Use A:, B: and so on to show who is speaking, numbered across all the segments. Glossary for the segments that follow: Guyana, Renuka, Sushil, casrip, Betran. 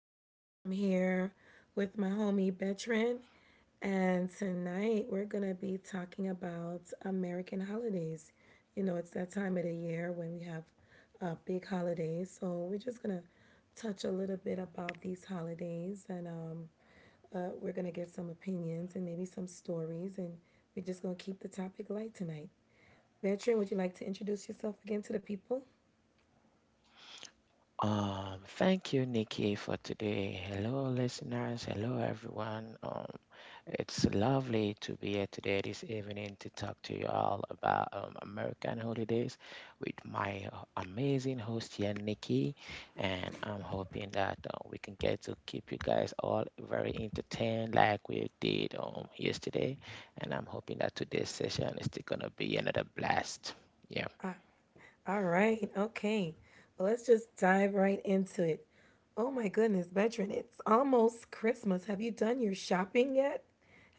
A: and I'm here with my homie Betran, and tonight we're gonna be talking about American holidays. You know, it's that time of the year when we have big holidays, so we're just gonna touch a little bit about these holidays, and we're gonna get some opinions and maybe some stories, and we're just gonna keep the topic light tonight. Betran, would you like to introduce yourself again to the people?
B: Thank you, Nikki, for today. Hello, listeners. Hello, everyone. It's lovely to be here today this evening to talk to you all about American holidays with my amazing host here, Nikki. And I'm hoping that we can get to keep you guys all very entertained like we did yesterday. And I'm hoping that today's session is still going to be another blast. Yeah.
A: All right. Okay. Well, let's just dive right into it. Oh my goodness, veteran, it's almost Christmas. Have you done your shopping yet?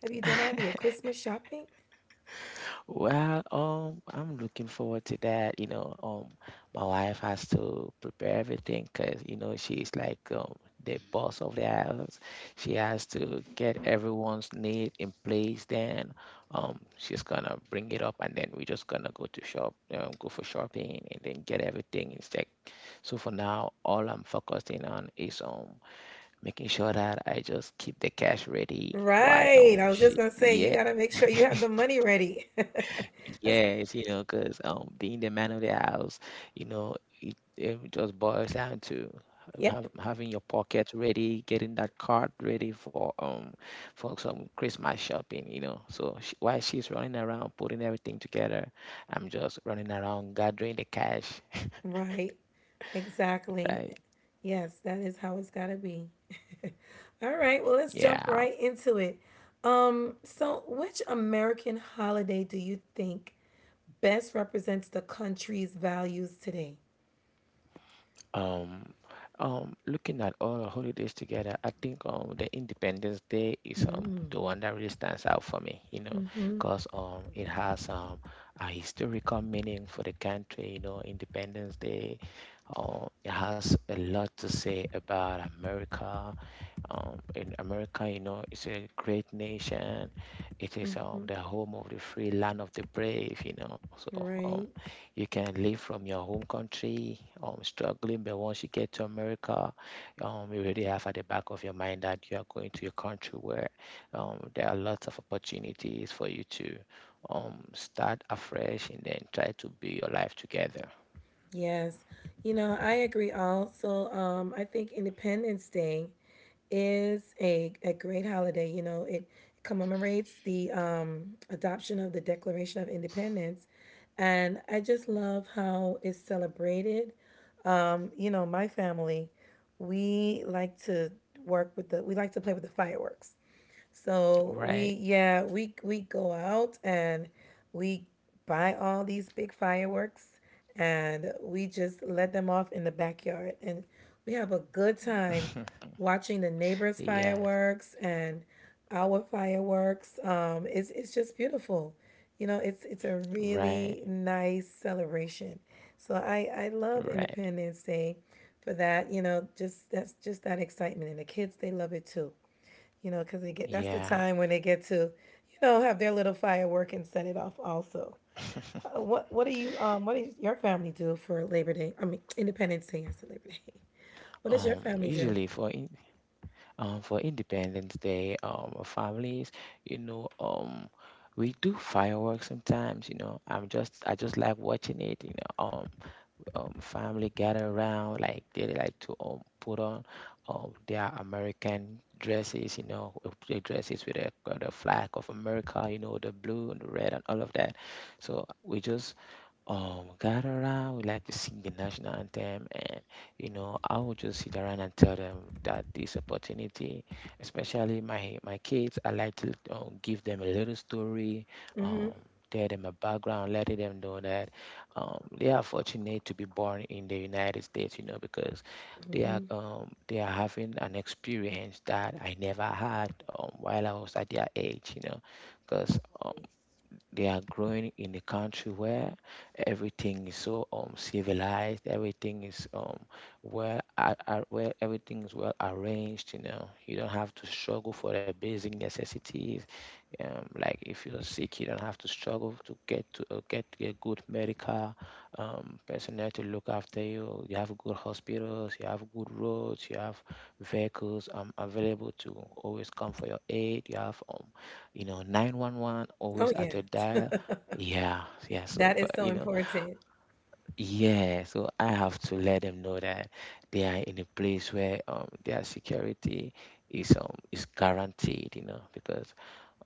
A: Have you done all of your Christmas shopping?
B: Well, I'm looking forward to that. You know, my wife has to prepare everything because, you know, she's like the boss of the house. She has to get everyone's need in place. Then, she's gonna bring it up, and then we're just gonna go to shop, go for shopping, and then get everything in check. So for now, all I'm focusing on is making sure that I just keep the cash ready. Why
A: Right. I was just
B: she
A: going to say, you
B: yeah
A: got to make sure you have the money ready. That's,
B: Yes, you know, 'cause being the man of the house, you know, it just boils down to have,
A: yep.
B: having your pocket ready, getting that card ready for some Christmas shopping, you know. So she, while she's running around putting everything together, I'm just running around gathering the cash,
A: Right. Exactly.
B: right?
A: Yes, that is how it's got to be. All right, well, let's jump
B: Yeah.
A: right into it. So which American holiday do you think best represents the country's values today?
B: Um, Looking at all the holidays together, I think the Independence Day is the one that really stands out for me, you know, because it has a historical meaning for the country, you know, Independence Day. It has a lot to say about America, in America, you know, it's a great nation. It is the home of the free, land of the brave, you know. So
A: Right.
B: you can leave from your home country, struggling, but once you get to America, you really have at the back of your mind that you are going to a country where there are lots of opportunities for you to start afresh and then try to build your life together,
A: Yes. You know, I agree also. I think Independence Day is a great holiday. You know, it commemorates the adoption of the Declaration of Independence. And I just love how it's celebrated. You know, my family, we like to we like to play with the fireworks. So we
B: right?
A: yeah, we go out and we buy all these big fireworks and we just let them off in the backyard and we have a good time watching the neighbors'
B: Yeah,
A: fireworks and our fireworks. Um, it's just beautiful. You know, it's a
B: right,
A: really nice celebration. So I love
B: right.
A: Independence Day for that, you know, just that's just that excitement, and the kids they love it too, you know, because they get that's the
B: Yeah.
A: time when they get to, you know, have their little firework and set it off also. Uh, What what do you what does your family do for Labor Day? I mean Independence Day, I said Labor Day. What does your
B: Um,
A: family do?
B: usually for in, um, for Independence Day, our families, you know, we do fireworks sometimes. You know, I just like watching it. You know, family gather around, like they like to put on their American dresses. You know, their dresses with the flag of America. You know, the blue and the red and all of that. So we just gather around, we like to sing the national anthem, and you know, I will just sit around and tell them that this opportunity, especially my kids, I like to give them a little story, um, tell them a background, letting them know that they are fortunate to be born in the United States, you know, because they are having an experience that I never had while I was at their age, you know, because they are growing in a country where everything is so civilized, everything is well where everything is well arranged, you know. You don't have to struggle for the basic necessities like if you're sick, you don't have to struggle to get a good medical personnel to look after you. You have good hospitals, you have good roads, you have vehicles available to always come for your aid. You have you know, 911
A: Oh
B: always at
A: yeah.
B: your dial. Yeah, yeah. So,
A: That
B: but
A: is so
B: you know,
A: important.
B: yeah. So I have to let them know that they are in a place where their security is guaranteed. You know, because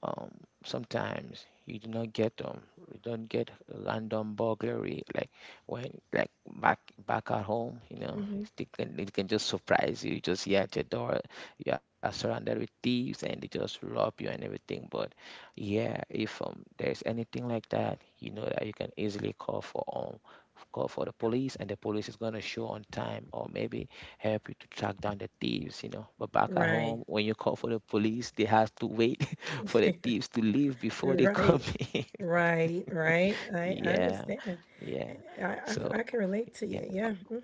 B: um sometimes you do not get you don't get random burglary like when, like, back back at home, you know, they can it can just surprise you. You just hear at your door, you are surrounded with thieves and they just rob you and everything. But yeah, if there's anything like that, you know, that you can easily call for call for the police, and the police is going to show on time, or maybe help you to track down the thieves, you know. But back at
A: Right.
B: home, when you call for the police, they have to wait for the thieves to leave before they come
A: Right.
B: in.
A: Right. Right. I
B: Yeah,
A: understand.
B: yeah.
A: I, I
B: So
A: I can relate to you.
B: yeah,
A: Yeah. Mm,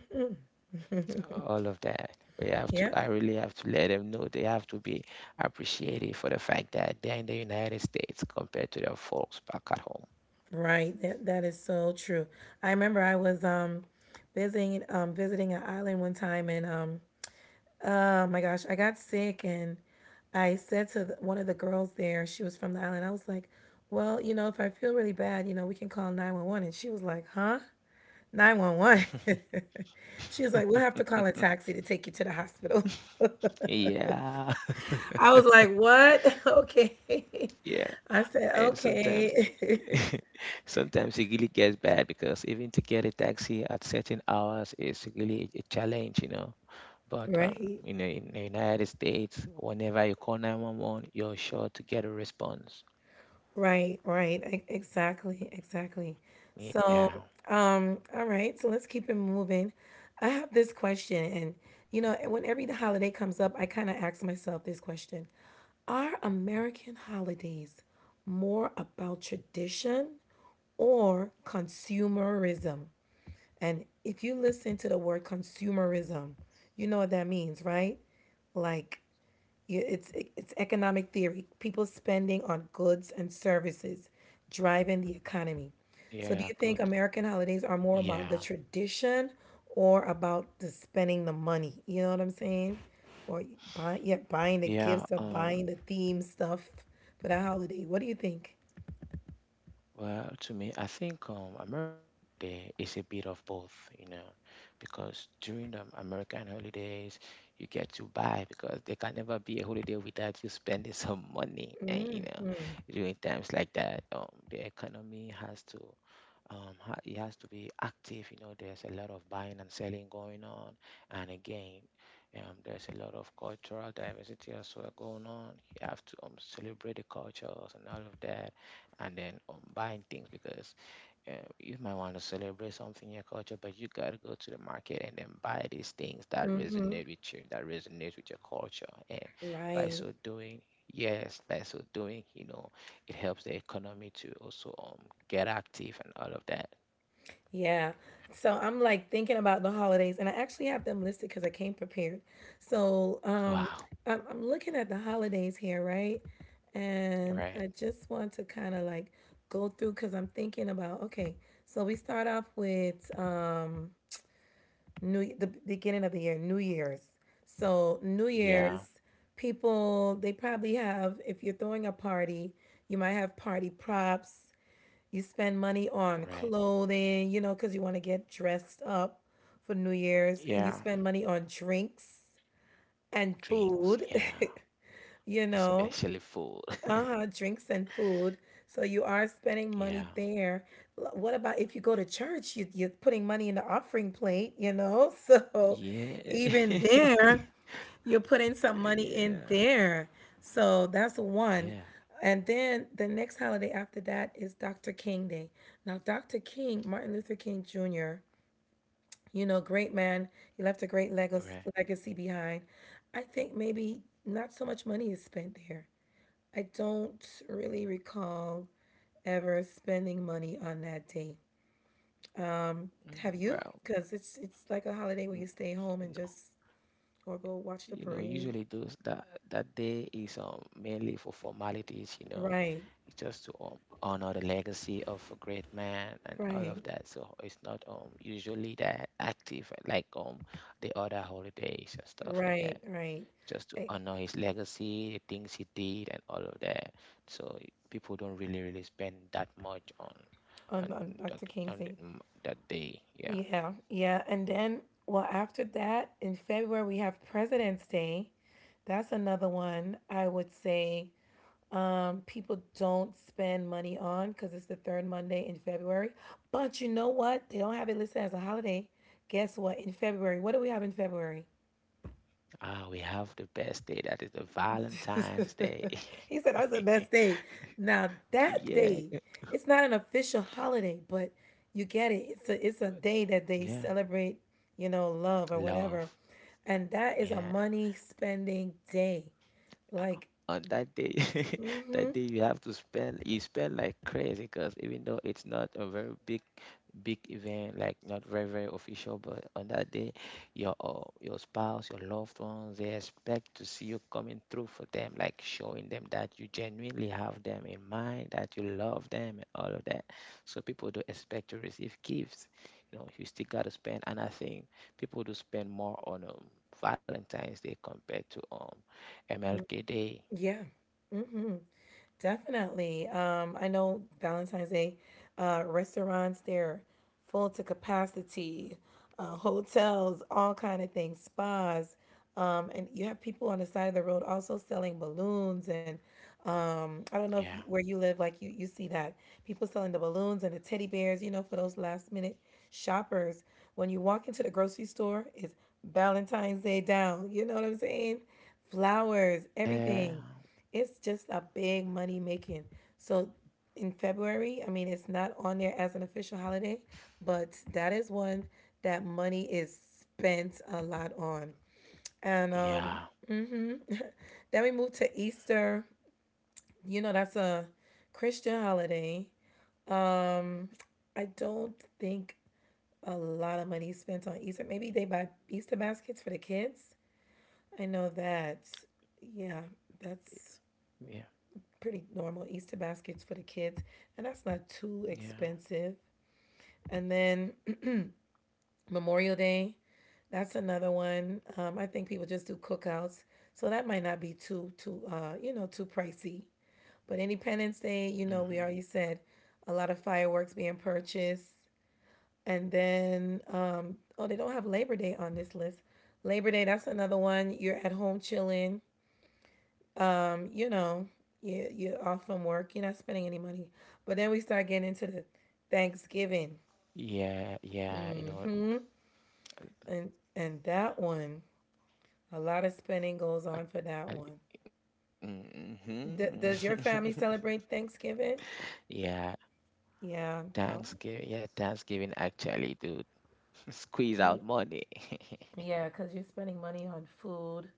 B: so all of that. We have to.
A: yeah.
B: I really have to let them know they have to be appreciated for the fact that they're in the United States compared to their folks back at home.
A: Right. That that is so true. I remember I was visiting an island one time and um Oh my gosh, I got sick and I said to the, one of the girls there, she was from the island. I was like, "Well, you know, if I feel really bad, you know, we can call 911." And she was like, "Huh? 911?" She was like, "We'll have to call a taxi to take you to the hospital."
B: Yeah,
A: I was like, "What? Okay."
B: yeah.
A: I said,
B: And sometimes
A: "Okay."
B: sometimes it really gets bad because even to get a taxi at certain hours is really a challenge, you know. But
A: Right.
B: you know, in the United States, whenever you call 911, you're sure to get a response.
A: Right, right. e- Exactly, exactly.
B: Yeah,
A: So, all right, so let's keep it moving. I have this question, and you know, when every holiday comes up, I kind of ask myself this question. Are American holidays more about tradition or consumerism? And if you listen to the word consumerism, you know what that means, right? Like you- it's economic theory. People spending on goods and services driving the economy.
B: yeah, good.
A: So do you think American holidays are
B: Yeah,
A: more about the tradition or about the spending the money? You know what I'm saying? Or buy, yeah, buying the
B: yeah.
A: gifts or buying the theme stuff for the holiday. What do you think?
B: Well, to me, I think American holiday is a bit of both, you know, because during the American holidays, you get to buy because there can never be a holiday without you spending some money. And, you know, during times like that, the economy has to he has to be active. You know, there's a lot of buying and selling going on, and again, there's a lot of cultural diversity as well going on. You have to celebrate the cultures and all of that, and then buying things because uh, you might want to celebrate something in your culture, but you gotta go to the market and then buy these things that resonate with you, that resonate with your culture. And by
A: Right.
B: so doing, yes, by so doing, you know, it helps the economy to also get active and all of that.
A: Yeah. So I'm like thinking about the holidays, and I actually have them listed because I came prepared. So
B: Wow,
A: I'm looking at the holidays here, right? And I
B: right.
A: just want to kind of like go through because I'm thinking about okay. So we start off with new the beginning of the year, New Year's. So New
B: Yeah,
A: Year's, people they probably have if you're throwing a party, you might have party props, you spend money on
B: right.
A: clothing, you know, because you want to get dressed up for New Year's, and you
B: Yeah,
A: spend money on drinks and
B: drinks.
A: food,
B: Yeah,
A: you know,
B: especially food.
A: uh-huh, drinks and food. So you are spending
B: Yeah,
A: money there. L- What about if you go to church? You, you're putting money in the offering plate, you know? So
B: yeah,
A: even there, you're putting some money in
B: yeah,
A: there. So that's
B: yeah.
A: one. And then the next holiday after that is Dr. King Day. Now, Dr. King, Martin Luther King Jr., you know, great man. He left a great
B: Right.
A: legacy, legacy behind. I think maybe not so much money is spent there. I don't really recall ever spending money on that day.
B: Mm,
A: Have
B: well.
A: you? Because it's like a holiday where you stay home and
B: Mm,
A: just or go watch
B: you
A: the
B: know,
A: parade.
B: usually those, that that day is mainly for formalities, you know.
A: Right,
B: It's just to honor the legacy of a great man and all of
A: right.
B: that, so it's not usually that active like the other holidays and stuff like that.
A: Right, right.
B: Just to
A: Eh,
B: honor his legacy, the things he did and all of that. So people don't really spend that much on
A: on
B: that,
A: Dr. King
B: on the-
A: thing.
B: mm, that day, yeah.
A: Yeah, yeah. And then, well, after that, in February, we have President's Day. That's another one I would say people don't spend money on because it's the third Monday in February. But you know what? They don't have it listed as a holiday. Guess what? In February, what do we have in February?
B: Ah, we have the best day, that is the valentine's day.
A: He said that's the best day. Now that
B: Yeah,
A: day, it's not an official holiday, but you get it. It's a day that they
B: yeah,
A: celebrate, you know, love or whatever.
B: love.
A: And that is a
B: Yeah,
A: money spending day. Like,
B: on that day that day you have to spend, you spend like crazy, because even though it's not a very big event, like, not very official, but on that day your spouse, your loved ones, they expect to see you coming through for them, like showing them that you genuinely have them in mind, that you love them and all of that. So people do expect to receive gifts, you know. You still got to spend, and I think people do spend more on valentine's day compared to mlk day.
A: yeah. Mm-hmm. Definitely. I know Valentine's Day restaurants, they're full to capacity, hotels, all kind of things, spas. And you have people on the side of the road also selling balloons and I don't know if you, where you
B: Yeah.
A: live, like you see that people selling the balloons and the teddy bears, you know, for those last minute shoppers. When you walk into the grocery store, it's Valentine's Day down. You know what I'm saying? Flowers, everything.
B: Uh,
A: It's just a big money making. So in February, I mean, it's not on there as an official holiday, but that is one that money is spent a lot on. And hmm
B: yeah.
A: then we move to Easter. You know, that's a Christian holiday. Um, I don't think a lot of money is spent on Easter. Maybe they buy Easter baskets for the kids. I know that. Yeah, that's pretty
B: Yeah.
A: normal Easter baskets for the kids, and that's not too expensive.
B: Yeah.
A: And then Memorial Day, that's another one. I think people just do cookouts, so that might not be too you know, too pricey. But Independence Day, you know, we already said
B: Hmm.
A: a lot of fireworks being purchased, and then oh, they don't have Labor Day on this list. Labor Day, that's another one. You're at home chilling you know, you're off from work, you're not spending any money. But then we start getting into the Thanksgiving,
B: Yeah. Yeah. You know.
A: and that one, a lot of spending goes on for that
B: I,
A: one.
B: hmm,
A: D- does your family celebrate Thanksgiving?
B: yeah.
A: Yeah,
B: Thanksgiving. Yeah. Thanksgiving actually do squeeze
A: y-
B: out money.
A: yeah, because you're spending money on food,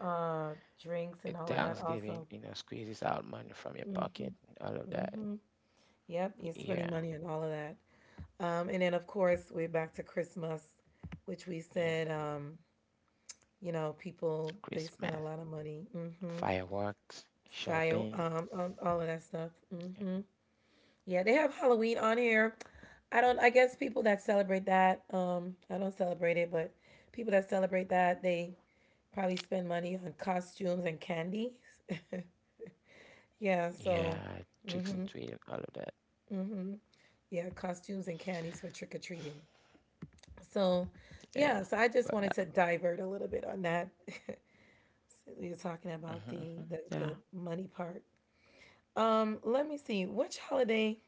A: uh, drinks, and all of that.
B: Thanksgiving,
A: Also,
B: you know, squeezes out money from your pocket. All of that.
A: hmm, yep, you're spending
B: Yeah.
A: money on all of that. And then of course we're back to Christmas, which we said.
B: Yeah.
A: You know, people they spend a lot of
B: Christmas,
A: money. Mm-hmm.
B: fireworks,
A: Fire,
B: shopping.
A: all of that stuff. Mm-hmm.
B: Yeah.
A: Yeah, they have Halloween on here. I don't. I guess people that celebrate that. I don't celebrate it, but people that celebrate that they probably spend money on costumes and candies. Yeah. So
B: Yeah. Tricks and treats. All of that.
A: yeah, costumes and candies for trick or treating. So yeah. So I
B: Yeah.
A: just wanted to
B: But
A: divert a little bit on that. We were talking about the
B: mhm,
A: the
B: mhm,
A: the
B: yeah.
A: money part. Let me see. Which holiday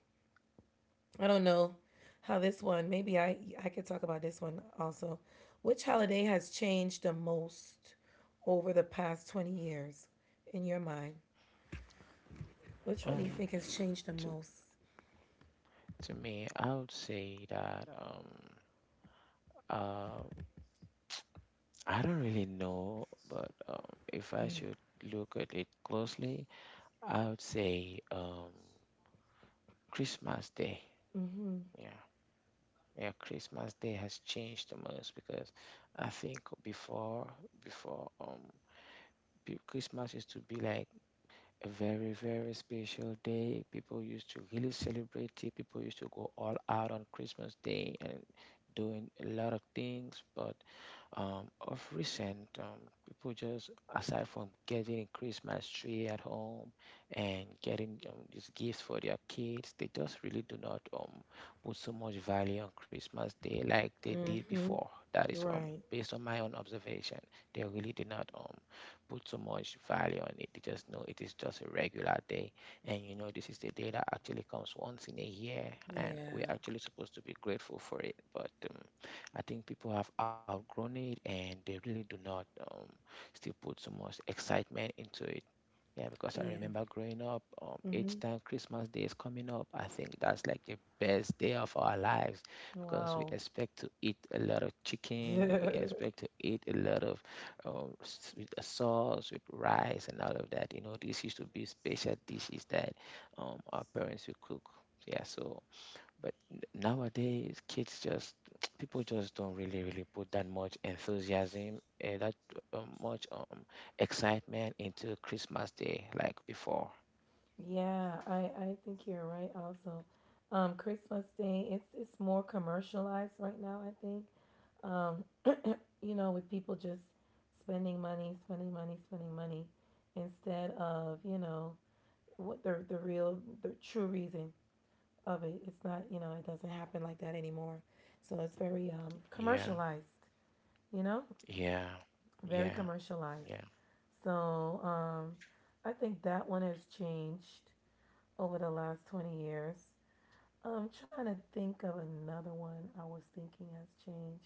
A: I don't know how this one. Maybe I could talk about this one also. Which holiday has changed the most over the past 20 years in your mind? Which one do you think has
B: Um.
A: changed the most?
B: so, To me, I would say that uh, I don't really know, but if I should look at it closely, I would say Christmas Day. Yeah, yeah, Christmas Day has changed the most because I think before, before Christmas used to be like a very, very special day. People used to really celebrate it. People used to go all out on Christmas Day and doing a lot of things, but of recent, people just aside from getting Christmas tree at home and getting these gifts for their kids, they just really do not put so much value on Christmas Day like they did before.
A: Mhm.
B: That is
A: Right.
B: based on my own observation. They really did not put so much value on it. They just know it is just a regular day, and you know this is the day that actually comes once in a year, and we're
A: Yeah.
B: actually supposed to be grateful for it, but. I think people have outgrown it and they really do not still put so much excitement into it. Yeah, because I
A: Yeah.
B: remember growing up, each
A: Mhm.
B: time Christmas Day is coming up, I think that's like the best day of our lives because we
A: Wow.
B: expect to eat a lot of chicken, we
A: Yeah,
B: expect to eat a lot of with a sauce, with rice, and all of that. You know, this used to be special dishes that our parents would cook. Yeah, so but nowadays, kids just people just don't really put that much enthusiasm and that much excitement into Christmas Day like before.
A: I think you're right also. Um, Christmas Day, it's more commercialized right now, I think, you know, with people just spending money, spending money, spending money instead of, you know, what the real the true reason of it. It's not, you know, it doesn't happen like that anymore. So it's very
B: Yeah,
A: commercialized, you know?
B: yeah,
A: Very
B: yeah,
A: commercialized.
B: yeah,
A: So, um, I think that one has changed over the last 20 years. I'm trying to think of another one I was thinking has changed.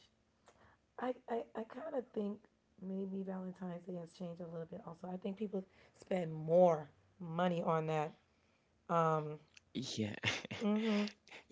A: I kind of think maybe Valentine's Day has changed a little bit also. I think people spend more money on that. Um,
B: yeah.
A: mm-hmm.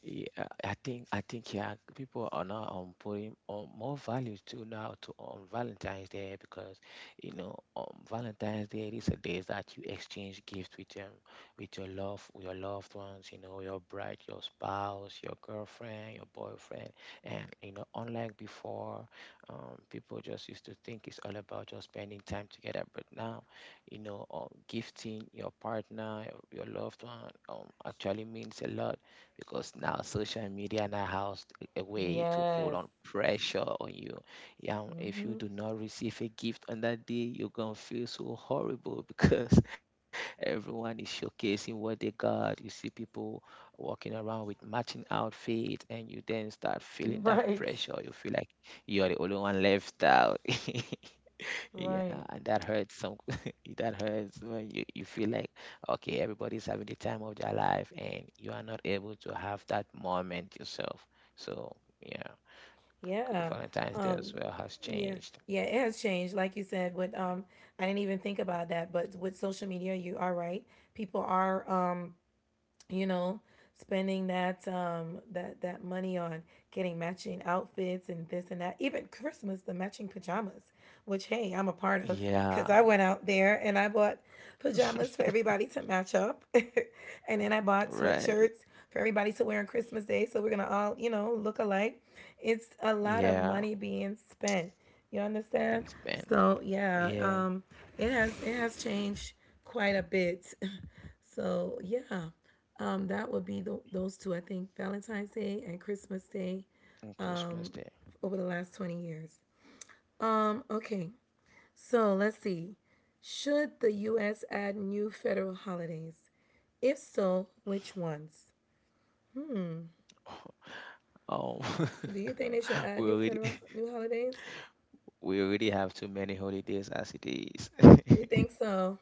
B: Yeah, I think yeah, people are now putting on more value to now to on Valentine's Day because you know on Valentine's Day is a day that you exchange gifts with your love with your loved ones, you know, your bride, your spouse, your girlfriend, your boyfriend. And you know, unlike before, people just used to think it's all about just spending time together. But now, you know, gifting your partner, your loved one, actually means a lot because now social media now has a way to put
A: Yes.
B: on pressure on you. Yeah, if you
A: Mm-hmm.
B: do not receive a gift on that day, you're gonna feel so horrible because everyone is showcasing what they got. You see people walking around with matching outfit, and you then start feeling that
A: Right.
B: pressure. You feel like you're the only one left out. Yeah,
A: Right.
B: and that hurts some that hurts when you feel like okay, everybody's having the time of their life and you are not able to have that moment yourself. So yeah,
A: Yeah.
B: Valentine's Day as well has
A: Yeah.
B: changed.
A: Yeah, it has changed, like you said. With I didn't even think about that, but with social media, you are right. People are you know spending that that money on getting matching outfits and this and that, even Christmas, the matching pajamas, which hey, I'm a part of
B: Yeah,
A: because I went out there and I bought pajamas for everybody to match up and then I bought
B: right.
A: sweatshirts for everybody to wear on Christmas Day, so we're gonna all, you know, look alike. It's a lot of
B: Yeah,
A: money being spent, you
B: it's
A: understand.
B: been spent.
A: So yeah,
B: Yeah,
A: it has, it has changed quite a bit. So yeah, that would be the, those two, I think, Valentine's Day and Christmas Day,
B: on Christmas Day.
A: over the last 20 years. Okay, so let's see. Should the U.S. add new federal holidays? If so, which ones?
B: Oh,
A: Do you think they should add
B: we
A: new
B: already
A: federal new holidays?
B: we already have too many holidays as it is.
A: You think so?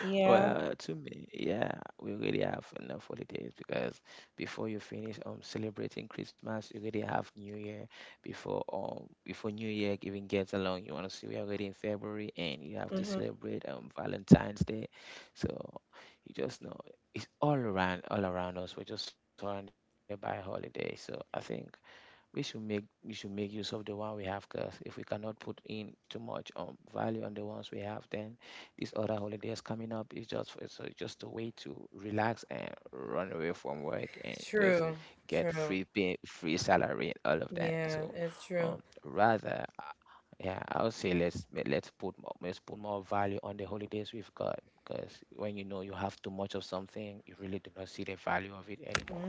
A: Yeah.
B: Well, to me, yeah, we really have enough holidays because before you finish celebrating Christmas, you already have New Year. Before New Year even gets along, you want to see we're already in February and you have to
A: Mm-hmm.
B: celebrate Valentine's Day. So you just know it's all around us. We're just surrounded by holidays. So I think we should make use of the one we have because if we cannot put in too much value on the ones we have, then these other holidays coming up is just a way to relax and run away from work and just
A: True.
B: get
A: True.
B: free pay free salary and all of that.
A: Yeah,
B: So
A: it's true.
B: rather yeah, I would say let's put more value on the holidays we've got, because when you know you have too much of something, you really do not see the value of it anymore.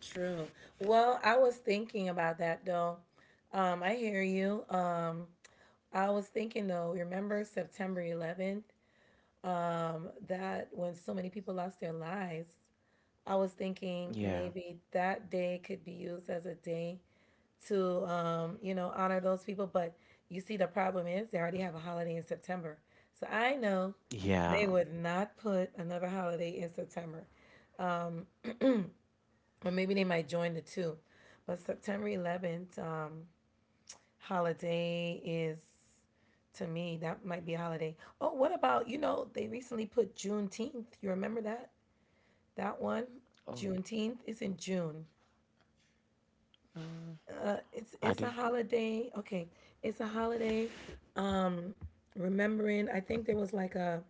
A: True. Well, I was thinking about that though. I hear you. I was thinking though, remember September 11th? That when so many people lost their lives, I was thinking
B: Yeah,
A: maybe that day could be used as a day to, you know, honor those people. But you see, the problem is they already have a holiday in September. So I know they
B: yeah.
A: would not put another holiday in September, or maybe they might join the two. But September 11th holiday is, to me, that might be a holiday. Oh, what about, you know, they recently put Juneteenth. You remember that? That one?
B: Oh,
A: Juneteenth is in June.
B: mm,
A: It's
B: I
A: it's a
B: think.
A: holiday. Okay, it's a holiday. Um, Remembering, I think there was like a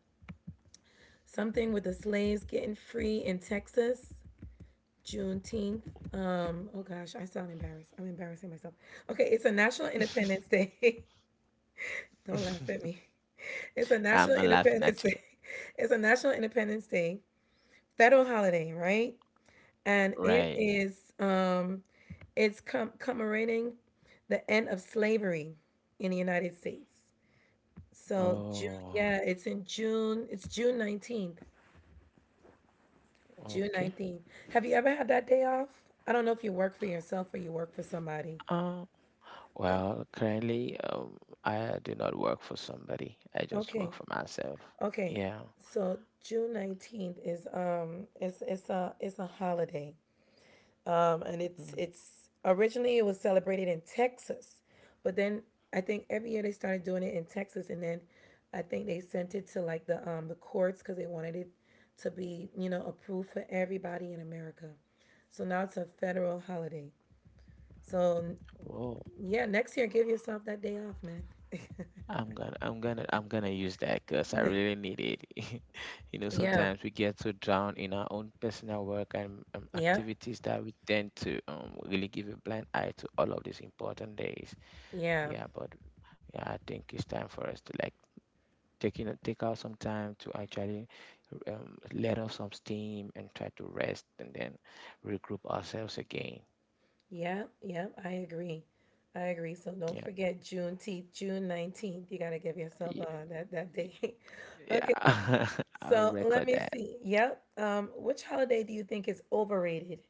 A: something with the slaves getting free in Texas. Juneteenth. Oh gosh, I sound embarrassed. I'm embarrassing myself. Okay, it's a National Independence Day. Don't laugh at me. It's a
B: I'm
A: National
B: not laughing
A: Independence
B: at you.
A: Day. It's a National Independence Day. Federal holiday, right? And it
B: Right.
A: is it's com- commemorating the end of slavery in the United States. So June,
B: Oh,
A: yeah, it's in June. It's June 19th. June
B: okay.
A: 19th. Have you ever had that day off? I don't know if you work for yourself or you work for somebody.
B: Uh, well, currently, I do not work for somebody. I just work
A: Okay.
B: for myself.
A: Okay.
B: Yeah.
A: So June 19th is it's a holiday. And it's
B: Mm,
A: it's originally it was celebrated in Texas, but then I think every year they started doing it in Texas, and then I think they sent it to like the courts because they wanted it to be, you know, approved for everybody in America. So now it's a federal holiday. So
B: oh,
A: yeah, next year give yourself that day off, man.
B: I'm gonna use that because I
A: Yeah,
B: really need it. You know,
A: yeah,
B: sometimes we get so drowned in our own personal work and
A: yeah,
B: activities that we tend to really give a blind eye to all of these important days.
A: yeah.
B: Yeah, but yeah, I think it's time for us to like taking take out some time to actually let off some steam and try to rest and then regroup ourselves again.
A: Yeah, yeah, I agree. I agree. So don't
B: Yeah,
A: forget Juneteenth, June 19th. You got to give yourself
B: yeah,
A: that, that day. Okay,
B: yeah. I'll
A: so let
B: record
A: me
B: that.
A: see. Yep. Which holiday do you think is overrated?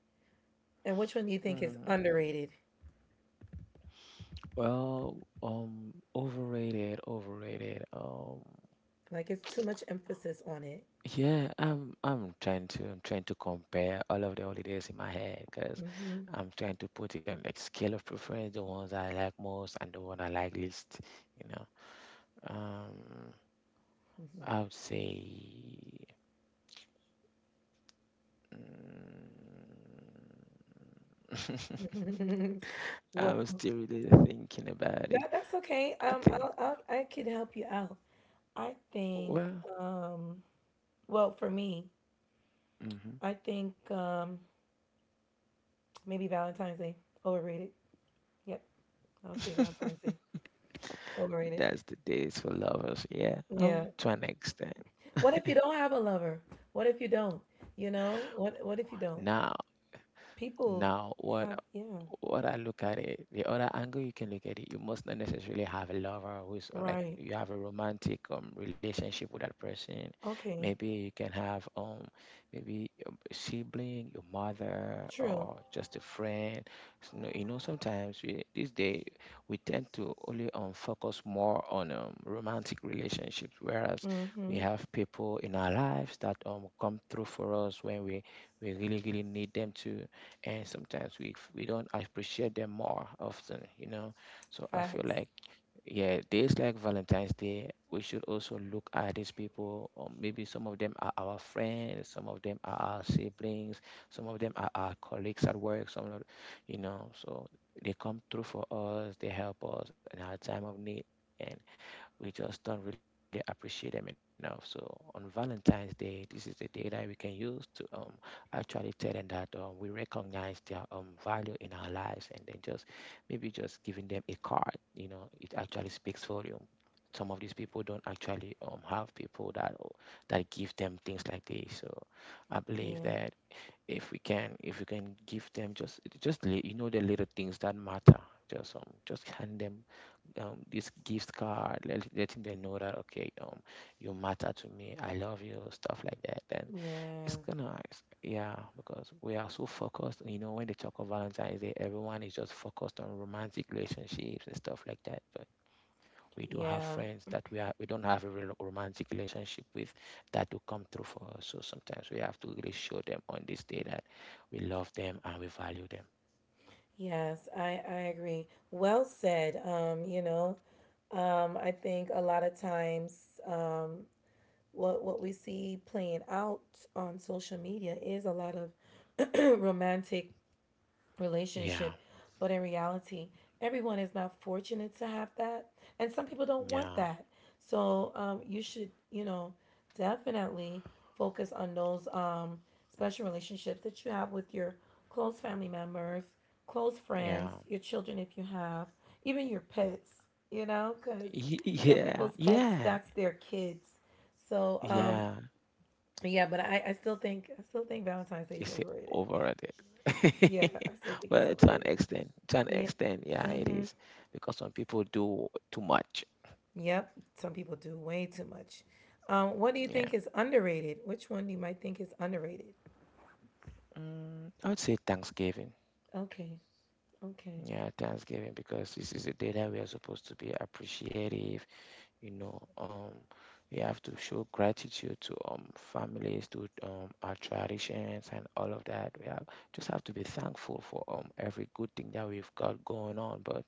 A: And which one do you think is
B: Mm.
A: underrated?
B: Well, overrated.
A: Like it's too much emphasis on it.
B: Yeah, I'm trying to I'm trying to compare all of the holidays in my head because
A: hmm hmm
B: I'm trying to put it on like scale of preference, the ones I like most and the one I like least, you know. Um, I would say mm.
A: well,
B: I'm still really thinking about it.
A: that, that's okay.
B: I think,
A: I could help you out. I think,
B: well,
A: um, well, for me,
B: mhm,
A: I think maybe Valentine's Day overrated. Yep. I'll say Valentine's Day. Overrated.
B: that's the days for lovers. Yeah,
A: Yeah.
B: to an extent.
A: What if you don't have a lover? What if you don't? You know? What if you don't?
B: Now,
A: People
B: now,
A: have yeah.
B: what I look at it, the other angle you can look at it, you must not necessarily have a lover who's like
A: Right.
B: you have a romantic relationship with that person.
A: Okay.
B: Maybe you can have maybe a sibling, your mother,
A: True.
B: or just a friend. You know, sometimes these days we tend to only focus more on romantic relationships, whereas we
A: Mm-hmm.
B: have people in our lives that come through for us when we really need them to, and sometimes we don't appreciate them more often, you know. So I feel
A: Facts.
B: like yeah, days like Valentine's Day we should also look at these people, or maybe some of them are our friends, some of them are our siblings, some of them are our colleagues at work, some of, you know. So they come through for us, they help us in our time of need, and we just don't really appreciate them enough. So on Valentine's Day, this is the day that we can use to actually tell them that we recognize their value in our lives, and then just maybe just giving them a card. You know, it actually speaks volume. Some of these people don't actually have people that that give them things like this. So I believe
A: Yeah.
B: that if we can if you can give them you know, the little things that matter, just hand them this gift card, letting them know that okay, you matter to me, I love you, stuff like that, then
A: Yeah.
B: yeah, because we are so focused, you know, when they talk of Valentine's Day, everyone is just focused on romantic relationships and stuff like that, but we do have
A: Yeah.
B: friends that we don't have a real romantic relationship with that do come through for us. So sometimes we have to really show them on this day that we love them and we value them.
A: Yes, I agree. Well said. You know, I think a lot of times what we see playing out on social media is a lot of romantic
B: Yeah,
A: relationship. But in reality, everyone is not fortunate to have that. And some people don't want
B: yeah,
A: that. So you should, you know, definitely focus on those special relationships that you have with your close family members, close friends,
B: yeah,
A: your children if you have, even your pets, you know, because some
B: Yeah,
A: people's pets,
B: yeah,
A: that's their kids. So,
B: yeah.
A: yeah, but I still think Valentine's Day is
B: It's it
A: overrated.
B: overrated.
A: Yeah, I still think it's
B: Well,
A: overrated.
B: to an
A: Yeah.
B: extent, yeah, it is because some people do too much.
A: Yep, some people do way too much. What do you
B: Yeah,
A: think is underrated? Which one do you might think is underrated?
B: mm, I would say Thanksgiving.
A: Okay, okay.
B: Yeah, Thanksgiving because this is a day that we are supposed to be appreciative. You know, we have to show gratitude to families, to our traditions and all of that. We have just have to be thankful for every good thing that we've got going on, but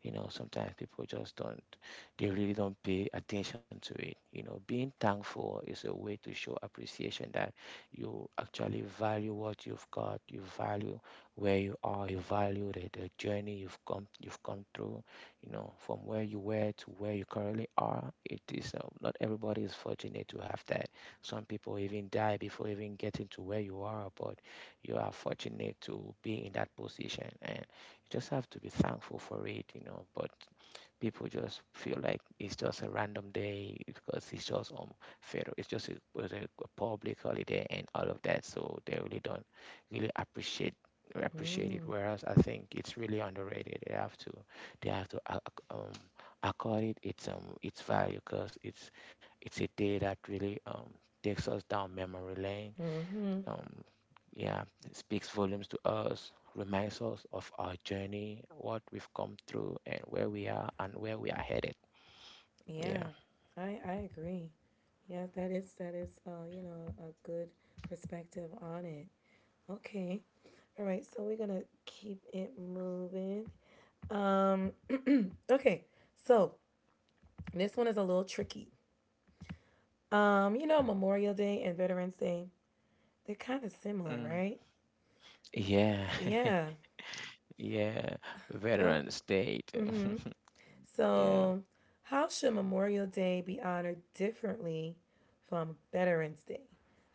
B: you know, sometimes people just don't, they really don't pay attention to it. You know, being thankful is a way to show appreciation that you actually value what you've got, you value where you are, you value the journey you've come through. You know, from where you were to where you currently are. It is not everybody is fortunate to have that. Some people even die before even getting to where you are, but you are fortunate to be in that position, and you just have to be thankful for it. You know, but people just feel like it's just a random day because it's just federal it's just a, was a public holiday and all of that, so they really don't really appreciate appreciate it, whereas I think it's really underrated. They have to they have to uh, ac- um accord it its value, because it's a day that really takes us down memory lane.
A: Mm-hmm.
B: um, yeah, it speaks volumes to us, reminds us of our journey, what we've come through, and where we are and where we are headed.
A: Yeah,
B: Yeah.
A: I agree. Yeah, that is you know, a good perspective on it. Okay, all right. So we're gonna keep it moving. Um, okay. So this one is a little tricky. You know, Memorial Day and Veterans Day, they're kind of similar,
B: Mm.
A: right?
B: Yeah.
A: Yeah.
B: Yeah. Veteran state. Yeah.
A: So, how should Memorial Day be honored differently from Veterans Day?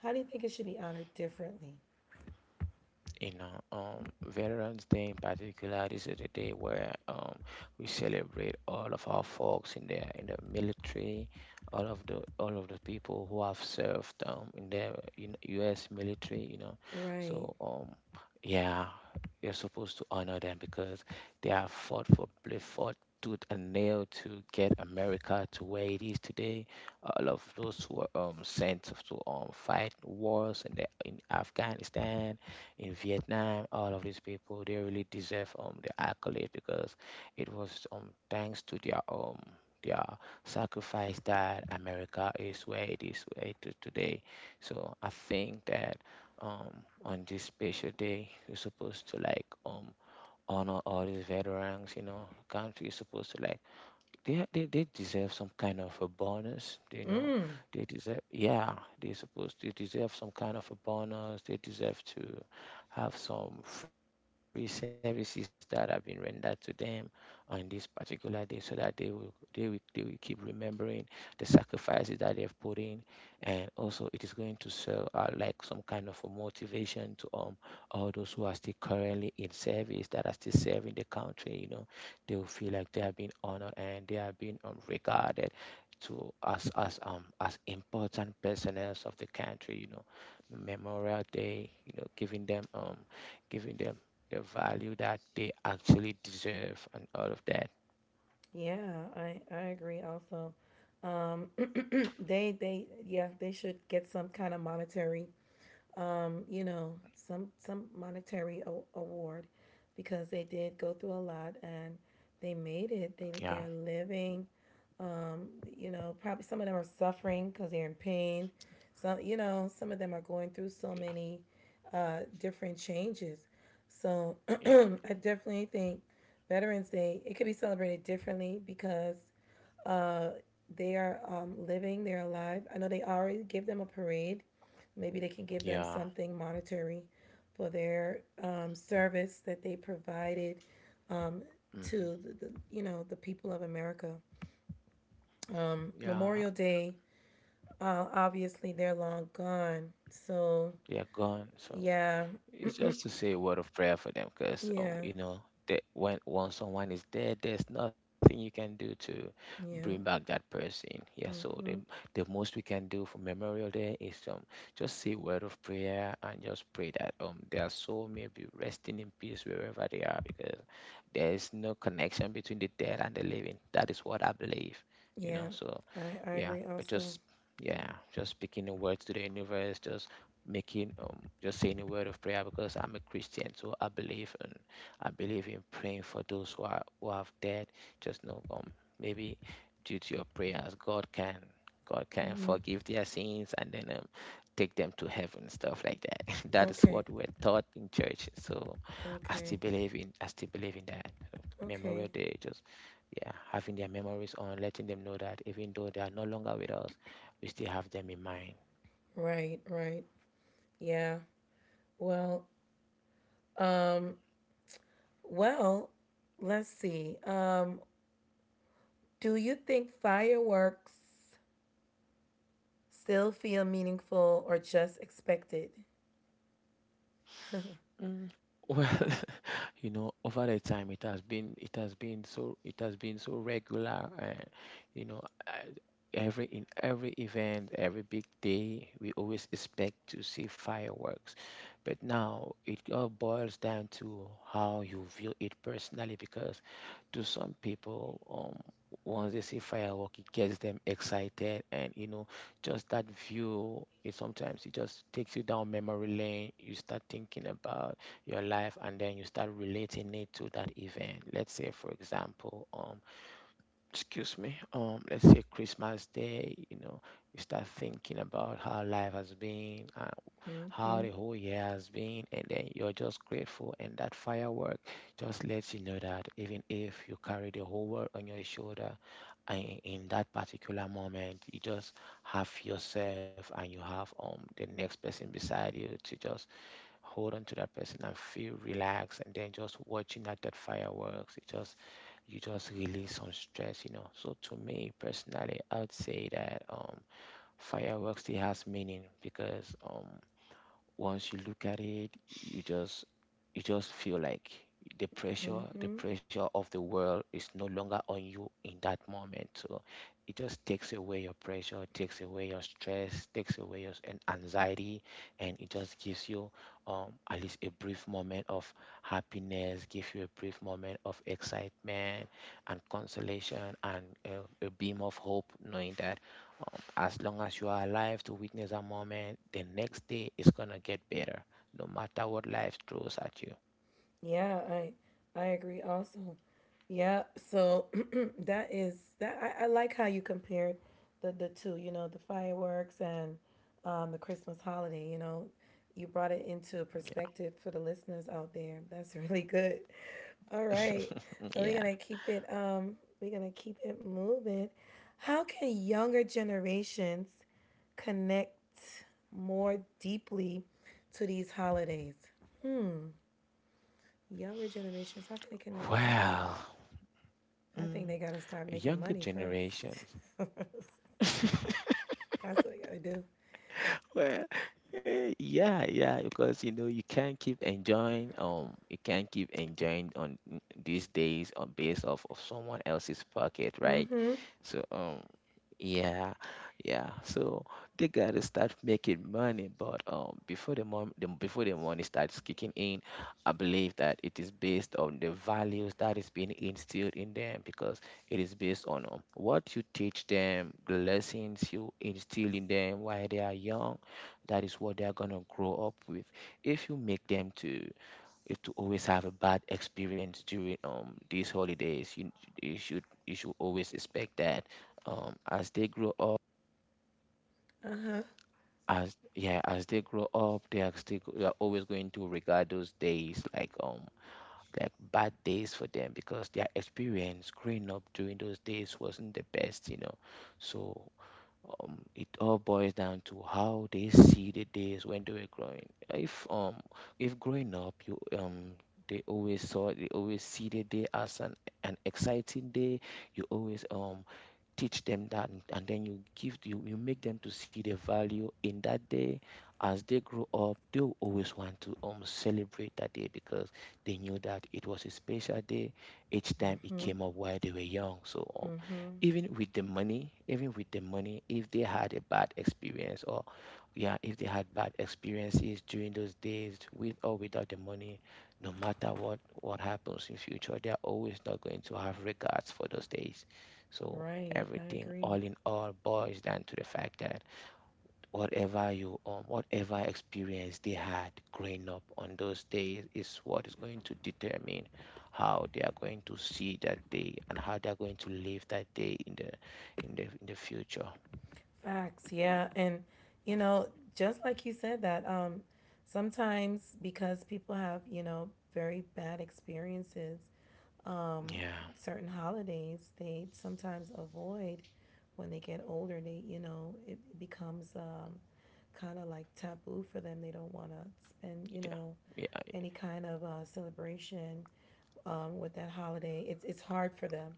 A: How do you think it should be honored differently?
B: You know, Veterans Day in particular, this is the day where we celebrate all of our folks in the military, all of the people who have served in the in U.S. military. You know,
A: Right.
B: so yeah, you're supposed to honor them because they fought tooth and nail to get America to where it is today. All of those who were sent to fight wars in the in Afghanistan, in Vietnam, all of these people, they really deserve the accolade, because it was thanks to their their sacrifice that America is where it is today. So I think that on this special day you're supposed to like honor all these veterans. You know, the country is supposed to like, they deserve some kind of a bonus, you know,
A: Mm,
B: they deserve yeah, they supposed to deserve some kind of a bonus. They deserve to have some free services that have been rendered to them on this particular day, so that they will keep remembering the sacrifices that they have put in. And also it is going to serve like some kind of a motivation to all those who are still currently in service, that are still serving the country, you know. They feel like they have been honored, and they have been regarded to us as important personnel of the country. You know, Memorial Day. You know, giving them the value that they actually deserve and all of that.
A: yeah, I agree also. Um, they yeah, they should get some kind of monetary you know, some monetary a- award because they did go through a lot and they made it.
B: Yeah,
A: They're living. Um, you know, probably some of them are suffering because they're in pain. Some, you know, some of them are going through so
B: yeah,
A: many different changes. So
B: yeah.
A: I definitely think Veterans Day it could be celebrated differently because uh, they are living, they're alive. I know they already give them a parade. Maybe they can give them
B: Yeah.
A: something monetary for their service that they provided
B: Hmm.
A: to the, you know, the people of America.
B: Yeah,
A: Memorial Day, obviously, they're long gone. So,
B: they are gone. So.
A: yeah,
B: It's just to say a word of prayer for them, because
A: yeah,
B: that when once someone is dead, there's nothing you can do to bring
A: yeah,
B: back that person. Yeah, so the
A: hmm
B: the most we can do for Memorial Day is just say a word of prayer and just pray that their soul may be resting in peace wherever they are, because there is no connection between the dead and the living. That is what I believe, you
A: yeah.
B: know. So
A: I
B: yeah,
A: agree
B: but
A: also.
B: just speaking a word to the universe, just making just saying a word of prayer, because I'm a Christian, so I believe in praying for those who are who have dead. Just know, maybe due to your prayers, God can
A: Hmm.
B: forgive their sins, and then take them to heaven, stuff like that. That is
A: Okay,
B: what we're taught in church, so i still
A: okay,
B: believe in i still believe in that. So
A: okay.
B: Memorial Day, just yeah, having their memories on, letting them know that even though they are no longer with us, we still have them in mind.
A: Right, right. Yeah. Well, um, well, let's see. Do you think fireworks still feel meaningful or just expected?
B: Mm, Well, you know, over the time it has been so regular, and you know I- every in every event, every big day, we always expect to see fireworks. But now it all boils down to how you view it personally, because to some people, once they see firework, it gets them excited. And you know, just that view, it sometimes it just takes you down memory lane. You start thinking about your life, and then you start relating it to that event. Let's say, for example, excuse me let's say Christmas Day, you know, you start thinking about how life has been and how
A: Mm-hmm.
B: the whole year has been, and then you're just grateful. And that firework just lets you know that even if you carry the whole world on your shoulder, and in that particular moment, you just have yourself and you have the next person beside you to just hold on to that person and feel relaxed. And then just watching at that fireworks, it just, you just release some stress, you know. So to me personally, I would say that fireworks still has meaning, because once you look at it, you just you just feel like the pressure
A: Mm-hmm.
B: the pressure of the world is no longer on you in that moment. So it just takes away your pressure, takes away your stress, takes away your anxiety, and it just gives you at least a brief moment of happiness, give you a brief moment of excitement and consolation, and a beam of hope, knowing that as long as you are alive to witness a moment, the next day is going to get better, no matter what life throws at you.
A: Yeah, I agree also. Yeah, so that is that I like how you compared the two, you know, the fireworks and the Christmas holiday, you know. You brought it into perspective for the listeners out there. That's really good. All right. So we're
B: Yeah.
A: gonna keep it moving. How can younger generations connect more deeply to these holidays? Younger generations, how can they connect deeply?
B: Well,
A: I think
B: mm,
A: they gotta start making
B: younger
A: money first.
B: generations.
A: That's what they gotta do.
B: Well, yeah, yeah, because you know you can't keep enjoying on these days on base of someone else's pocket, right?
A: Mm-hmm.
B: So um. Yeah, yeah. So they gotta start making money, but before before the money starts kicking in, I believe that it is based on the values that is being instilled in them, because it is based on what you teach them, the lessons you instill in them while they are young. That is what they are gonna grow up with. If you make them to is to always have a bad experience during these holidays, you, you should always expect that as they grow up,
A: Uh-huh.
B: as they grow up, they are still they are always going to regard those days like bad days for them, because their experience growing up during those days wasn't the best, you know. So it all boils down to how they see the days when they were growing. If um, if growing up you um, they always see the day as an exciting day. You always teach them that, and then you make them to see the value in that day. As they grow up, they'll always want to celebrate that day, because they knew that it was a special day each time it
A: Mm-hmm.
B: came up while they were young. So um,
A: Mm-hmm.
B: even with the money, if they had a bad experience, or yeah, if they had bad experiences during those days, with or without the money, no matter what happens in future, they're always not going to have regards for those days. So
A: Right. I
B: everything
A: agree.
B: all boils down to the fact that whatever you um, whatever experience they had growing up on those days is what is going to determine how they are going to see that day and how they are going to live that day in the in the future.
A: Facts, yeah. And you know, just like you said that, sometimes because people have, you know, very bad experiences,
B: Yeah.
A: certain holidays they sometimes avoid. When they get older, they, you know, it becomes kind of like taboo for them. They don't want to spend, you
B: Yeah.
A: know,
B: Yeah.
A: any kind of celebration with that holiday. It's hard for them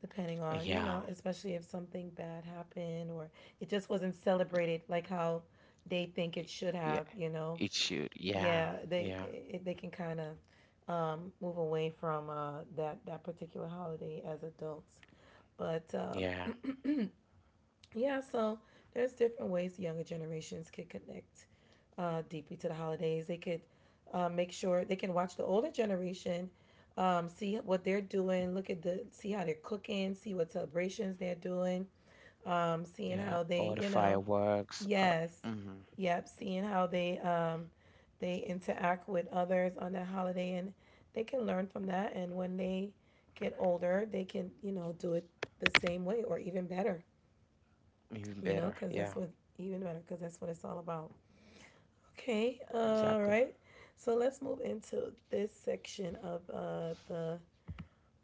A: depending on, you
B: Yeah.
A: know, especially if something bad happened or it just wasn't celebrated like how they think it should
B: Yeah,
A: have, you know.
B: it should, yeah.
A: Yeah,
B: Yeah.
A: they can kind of move away from that, that particular holiday as adults. But
B: Yeah.
A: yeah, so there's different ways the younger generations could connect deeply to the holidays. They could make sure they can watch the older generation, see what they're doing, look at the, see how they're cooking, see what celebrations they're doing, seeing
B: Yeah,
A: how they,
B: all the
A: you know.
B: fireworks,
A: Yes.
B: mhm.
A: Yep. Seeing how they interact with others on that holiday and they can learn from that, and when they get older, they can, you know, do it the same way or even better,
B: Even
A: you know,
B: better,
A: cuz
B: yeah.
A: that's what, even better cuz that's what it's all about. Okay. All
B: Exactly.
A: right. So let's move into this section of the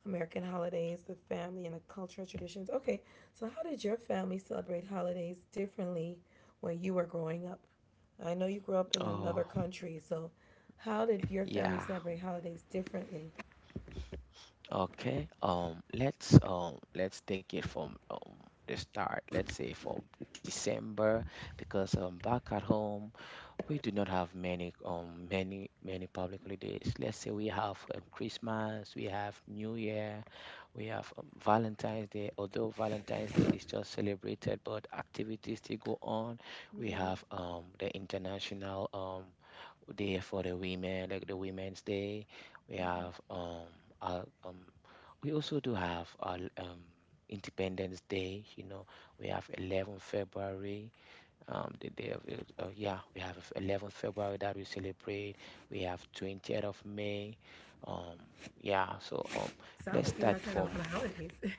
A: American holidays, the family, and the cultural traditions. Okay, so how did your family celebrate holidays differently when you were growing up? I know you grew up in another
B: Oh,
A: country, so how did your family
B: yeah.
A: celebrate holidays differently?
B: Okay, let's take it from the start. Let's say from December, because back at home, we do not have many um, public holidays. Let's say we have Christmas, we have New Year, we have Valentine's Day. Although Valentine's Day is just celebrated, but activities still go on. We
A: Hmm,
B: have the International Day for the women, like the Women's Day. We
A: hmm.
B: have our, um we also do have our Independence Day. You know, we have February 11th, the day of it- yeah, we have 11th February that we celebrate. We have 20th of May. Um, yeah, so um,
A: Sound like you
B: let's
A: guys had
B: start
A: a lot of
B: from,
A: holidays.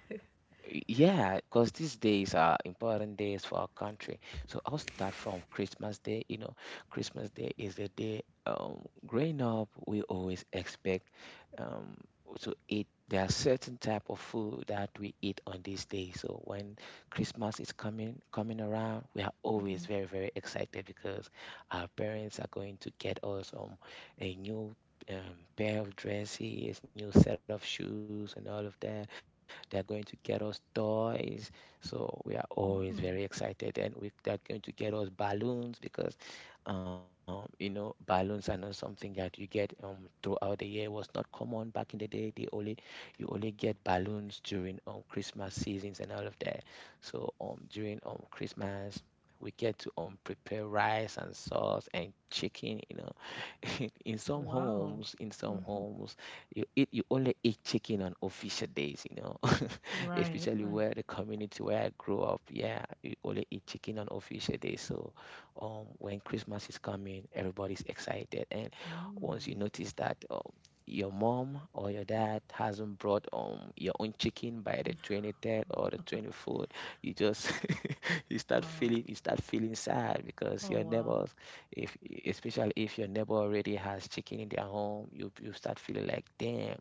B: yeah, because these days are important days for our country. So I'll start from Christmas Day. You know, Christmas Day is the day growing up, we always expect um, to eat. There are certain type of food that we eat on this day. So when Christmas is coming around, we are always very, very excited, because our parents are going to get us a new pair of dresses, new set of shoes, and all of that. They're going to get us toys. So we are always very excited. And they're going to get us balloons, because you know, balloons are not something that you get throughout the year. It was not common back in the day. They only You only get balloons during Christmas seasons and all of that. So during Christmas, we get to um, prepare rice and sauce and chicken, you know. In some
A: Wow.
B: homes,
A: Mm.
B: you only eat chicken on official days, you know.
A: Right,
B: Especially
A: right.
B: where the community where I grew up. Yeah, you only eat chicken on official days. So when Christmas is coming, everybody's excited. And once you
A: Mm,
B: notice that, your mom or your dad hasn't brought um, your own chicken by the 23rd or the 24th, you just
A: wow.
B: you start feeling sad, because
A: Oh,
B: your
A: wow.
B: neighbors, if especially if your neighbor already has chicken in their home, you start feeling like, damn,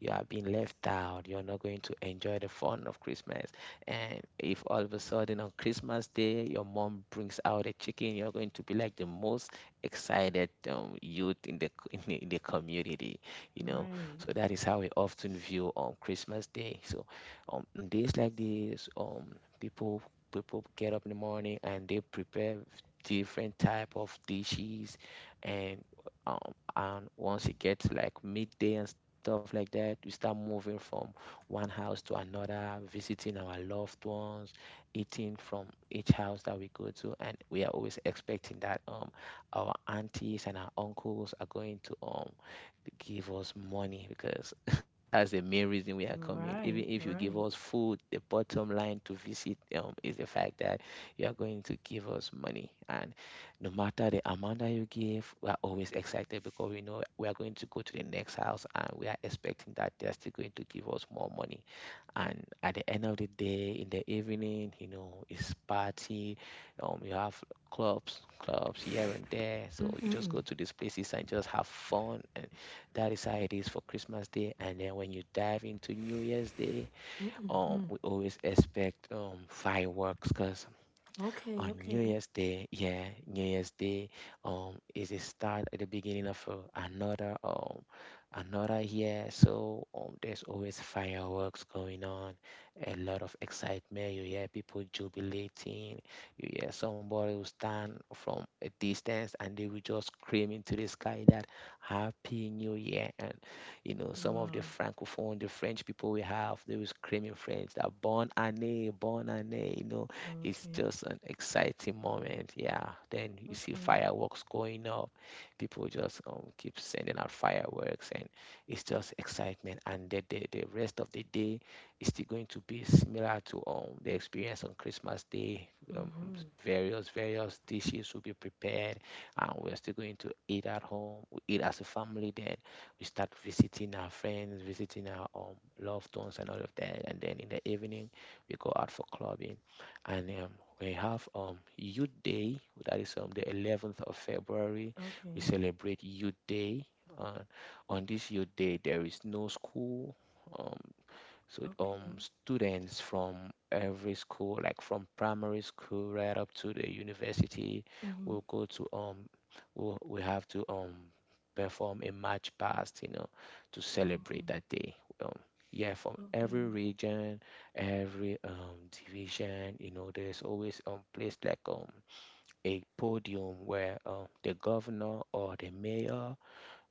B: you are being left out. You're not going to enjoy the fun of Christmas. And if all of a sudden on Christmas Day your mom brings out a chicken, you're going to be like the most excited youth in the in the community. You know,
A: Right,
B: so that is how we often view on Christmas Day. So on days like this, people get up in the morning and they prepare different type of dishes, and um, and once it gets like midday and stuff like that, we start moving from one house to another, visiting our loved ones, eating from each house that we go to. And we are always expecting that um, our aunties and our uncles are going to give us money, because that's the main reason we are coming. Even
A: right,
B: if you give
A: right.
B: us food, the bottom line to visit is the fact that you are going to give us money. And no matter the amount that you give, we are always excited, because we know we are going to go to the next house and we are expecting that they are still going to give us more money. And at the end of the day, in the evening, you know, it's party. You have clubs here and there. So you just go to these places and just have fun. And. That is how it is for Christmas Day. And then when you dive into New Year's Day, we always expect um, fireworks, because on
A: Okay,
B: New
A: okay.
B: Year's Day. Yeah, New Year's Day um, is a start at the beginning of another year. So there's always fireworks going on, a lot of excitement. You hear people jubilating. You hear somebody will stand from a distance and they will just scream into the sky that Happy New Year. And some of the
A: Wow.
B: francophone, the French people we have, they will scream in French that bon année, bon année. It's
A: Okay,
B: just an exciting moment. Yeah. Then you see
A: okay,
B: fireworks going up. People just keep sending out fireworks, and it's just excitement. And the rest of the day is still going to be similar to the experience on Christmas Day. Various dishes will be prepared, and we're still going to eat at home. We eat as a family, then we start visiting our friends, visiting our loved ones, and all of that. And then in the evening, we go out for clubbing, and we have Youth Day that is on the 11th of February. We
A: okay,
B: celebrate Youth Day. Uh, on this Youth Day, there is no school. Um, so
A: okay.
B: students from every school, like from primary school right up to the university,
A: Mm-hmm.
B: will go to um, will we have to perform a march past, to
A: Oh,
B: celebrate that day. Um, yeah, from every
A: okay,
B: region, every division, there's always place like a podium where the governor or the mayor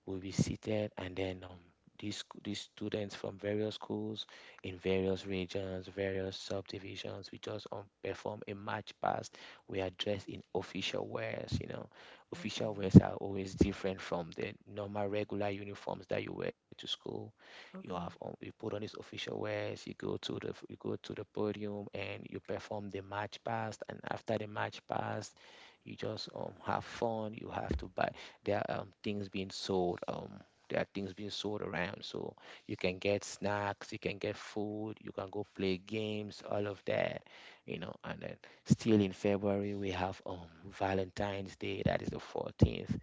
B: will be seated, and then these students from various schools in various regions, various subdivisions, we just perform a march past. We are dressed in official wears. Official wears
A: okay,
B: are always different from the normal regular uniforms that you wear to school. You have
A: okay,
B: um, you put on these official wears. You go to the podium and you perform the march past. And after the march past, you just have fun. You have to buy there are um, things being sold um there are things being sold around, so you can get snacks, you can get food, you can go play games, all of that. And then, still in February, we have Valentine's Day that is the 14th.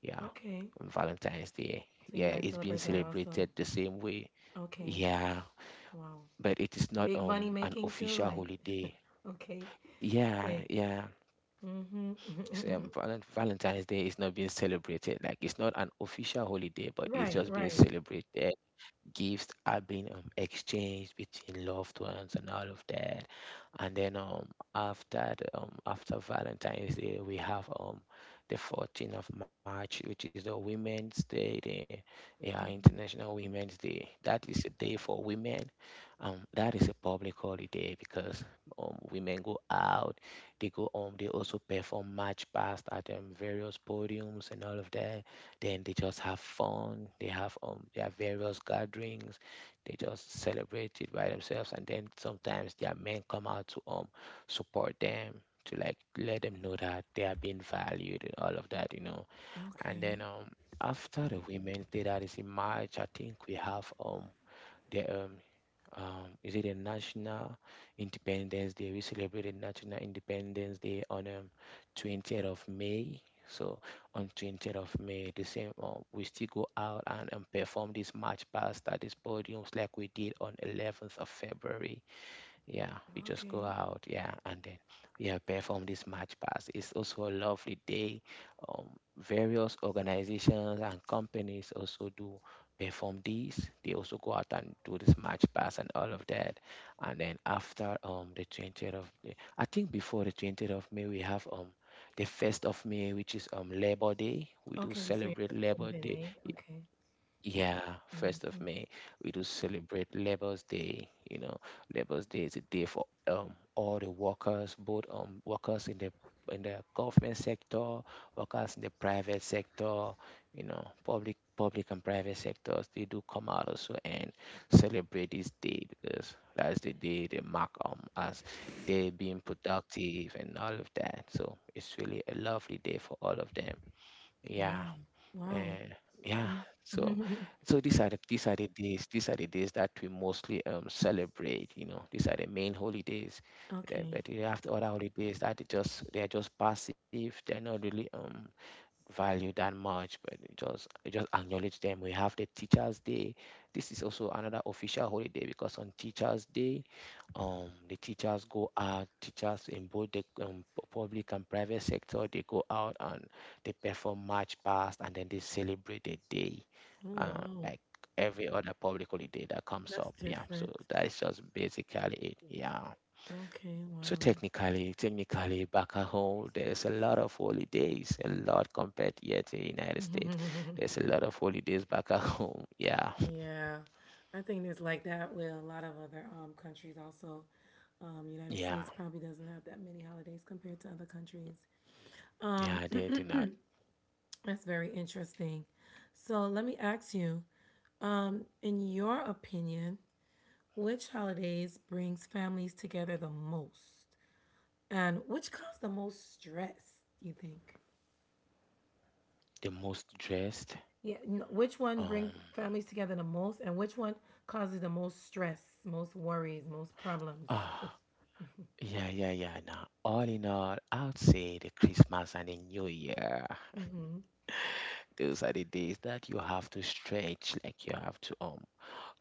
B: Yeah.
A: okay.
B: Valentine's Day,
A: So you
B: yeah,
A: guys
B: it's being
A: celebrate that
B: celebrated
A: also.
B: the same way.
A: Okay,
B: Yeah,
A: wow.
B: but it is not
A: Big money
B: an
A: making too,
B: official
A: like,
B: holiday.
A: okay,
B: Yeah,
A: say.
B: yeah.
A: Mm-hmm, mm-hmm.
B: Valentine's Day is not being celebrated. Like, it's not an official holiday, but it's
A: Right,
B: just being
A: right.
B: celebrated. Gifts are being exchanged between loved ones and all of that. And then after after Valentine's Day, we have the 14th of March, which is the Women's Day, the yeah, International Women's Day. That is a day for women. That is a public holiday because women go out, they go home, they also perform march past at various podiums and all of that. Then they just have fun, they have their various gatherings, they just celebrate it by themselves, and then sometimes their men come out to support them, to like let them know that they are being valued and all of that. And then
A: Okay,
B: after the Women's Day, that is in March, I think we have the is it a National Independence Day? We celebrated National Independence Day on 20th of May. So on 20th of May, the same, we still go out and perform this march past at these podiums like we did on 11th of February. Yeah, we just go
A: okay,
B: out. Yeah, and then we have performed this march past. It's also a lovely day. Um, various organizations and companies also do perform these. They also go out and do this march past and all of that. And then after the 20th of May, I think before the 20th of May, we have the first of May, which is Labor Day. We do
A: okay. So you're
B: celebrate Labor
A: in
B: Day.
A: May. Okay.
B: Yeah, first of May, we do celebrate Labor's Day. Labor's Day is a day for all the workers, both workers in the government sector, workers in the private sector, public and private sectors, they do come out also and celebrate this day because that's the day they mark as they being productive and all of that. So it's really a lovely day for all of them. Yeah.
A: Wow, wow.
B: Uh, yeah. So, so, these are the days these are the days that we mostly celebrate. These are the main holidays. Then,
A: Okay.
B: but you have the other holidays that they are just passive. They're not really value that much, but it just acknowledge them. We have the Teachers Day. This is also another official holiday because on Teachers Day, the teachers go out. Teachers in both the public and private sector, they go out and they perform march past, and then they celebrate the day,
A: Oh, wow.
B: like every other public holiday that comes
A: That's
B: up. Yeah,
A: different.
B: so that is just basically it. Yeah.
A: Okay,
B: So
A: wow. That's-
B: technically, back at home, there's a lot of holidays, a lot compared here to the United States. There's a lot of holidays back at home. Yeah,
A: Yeah, I think it's like that with a lot of other countries also. United States
B: yeah,
A: probably doesn't have that many holidays compared to other countries. Um,
B: yeah. They do not.
A: that's very interesting. So let me ask you, in your opinion, which holidays brings families together the most, and which cause the most stress? You think?
B: The most dressed?
A: Yeah. n- Which one bring
B: Um,
A: families together the most, and which one causes the most stress, most worries, most problems?
B: ah, yeah, yeah, yeah. Now, all in all, I would say the Christmas and the New Year.
A: Mm-hmm,
B: Those are the days that you have to stretch, like you have to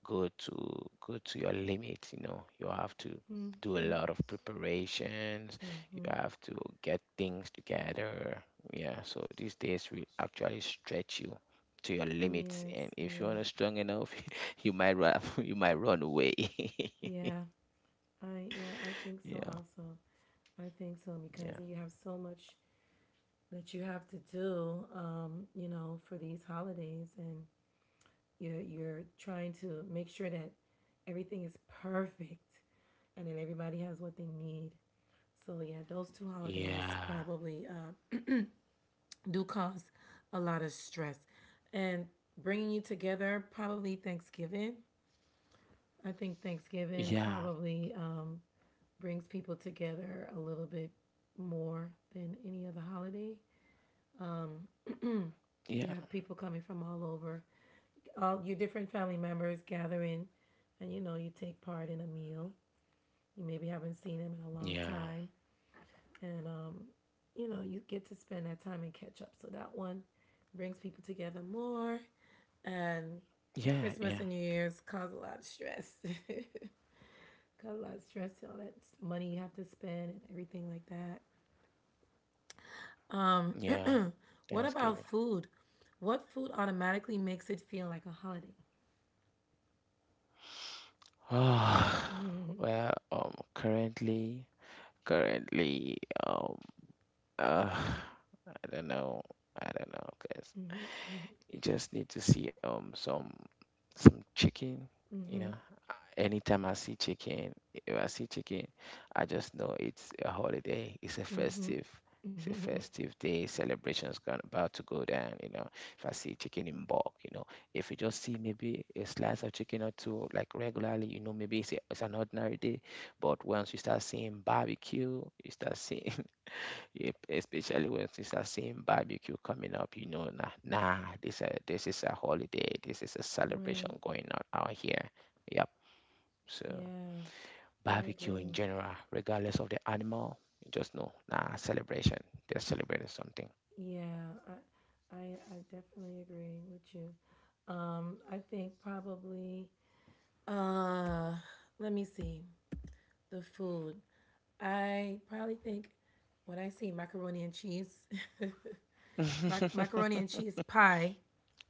B: go to your limit. You know, you have to
A: mm-hmm.
B: do a
A: Mm-hmm.
B: lot of preparations, you have to get things together. Yeah, so these days will actually stretch you to your limits, and
A: Yes.
B: if you're
A: Yes.
B: not strong enough, you might run you might run away.
A: Yeah. I yeah. I think so.
B: Yeah,
A: Also, I think so because
B: yeah,
A: you have so much that you have to do, you know, for these holidays, and you're trying to make sure that everything is perfect, and then everybody has what they need. So yeah, those two holidays
B: yeah,
A: probably do cause a lot of stress, and bringing you together probably Thanksgiving. I think Thanksgiving probably brings people together a little bit more than any other holiday. You
B: yeah,
A: have people coming from all over, all your different family members gathering, and you know you take part in a meal you maybe haven't seen him in a long
B: yeah, yeah,
A: time and you know you get to spend that time and catch up, so that one brings people together more and
B: yeah,
A: christmas and
B: yeah,
A: new year's cause a lot of stress. Cause a lot of stress, all that money you have to spend and everything like that. um,
B: yeah.
A: what about
B: Thanksgiving.
A: food? What food automatically makes it feel like a holiday?
B: Oh, well, currently currently um Uh, I don't know. I don't know, guys. You just need to see some chicken. You know, anytime I see chicken, if I see chicken, I just know it's a holiday. It's a festive. It's a festive day. Celebrations going about to go down. You know, if I see chicken in bulk, if you just see maybe a slice of chicken or two, like, regularly, maybe it's an ordinary day. But once you start seeing barbecue, you start seeing. Yep, especially when it's a same barbecue coming up, nah, nah, this is a holiday, this is a
A: Right.
B: celebration going on out here. Yep. So
A: Yeah, I
B: barbecue in
A: agree.
B: general, regardless of the animal, you just know, nah, celebration. They're celebrating something.
A: Yeah, I definitely agree with you. I think probably, uh, let me see, the food. I probably think when I see macaroni and cheese, macaroni and cheese pie.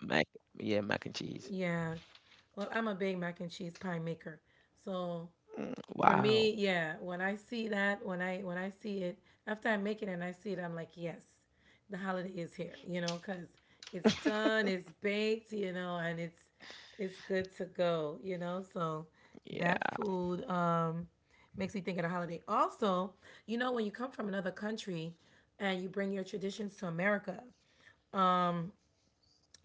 B: Mac, yeah, mac and cheese.
A: Yeah. Well, I'm a big mac and cheese pie maker. So
B: Mm,
A: for me,
B: wow.
A: yeah, when I see that, when I see it, after I make it and I see it, I'm like, yes, the holiday is here, you know, because it's done, it's baked, you know, and it's good to go, you know. So that
B: Yeah.
A: food makes me think of the holiday. Also, you know, when you come from another country and you bring your traditions to America,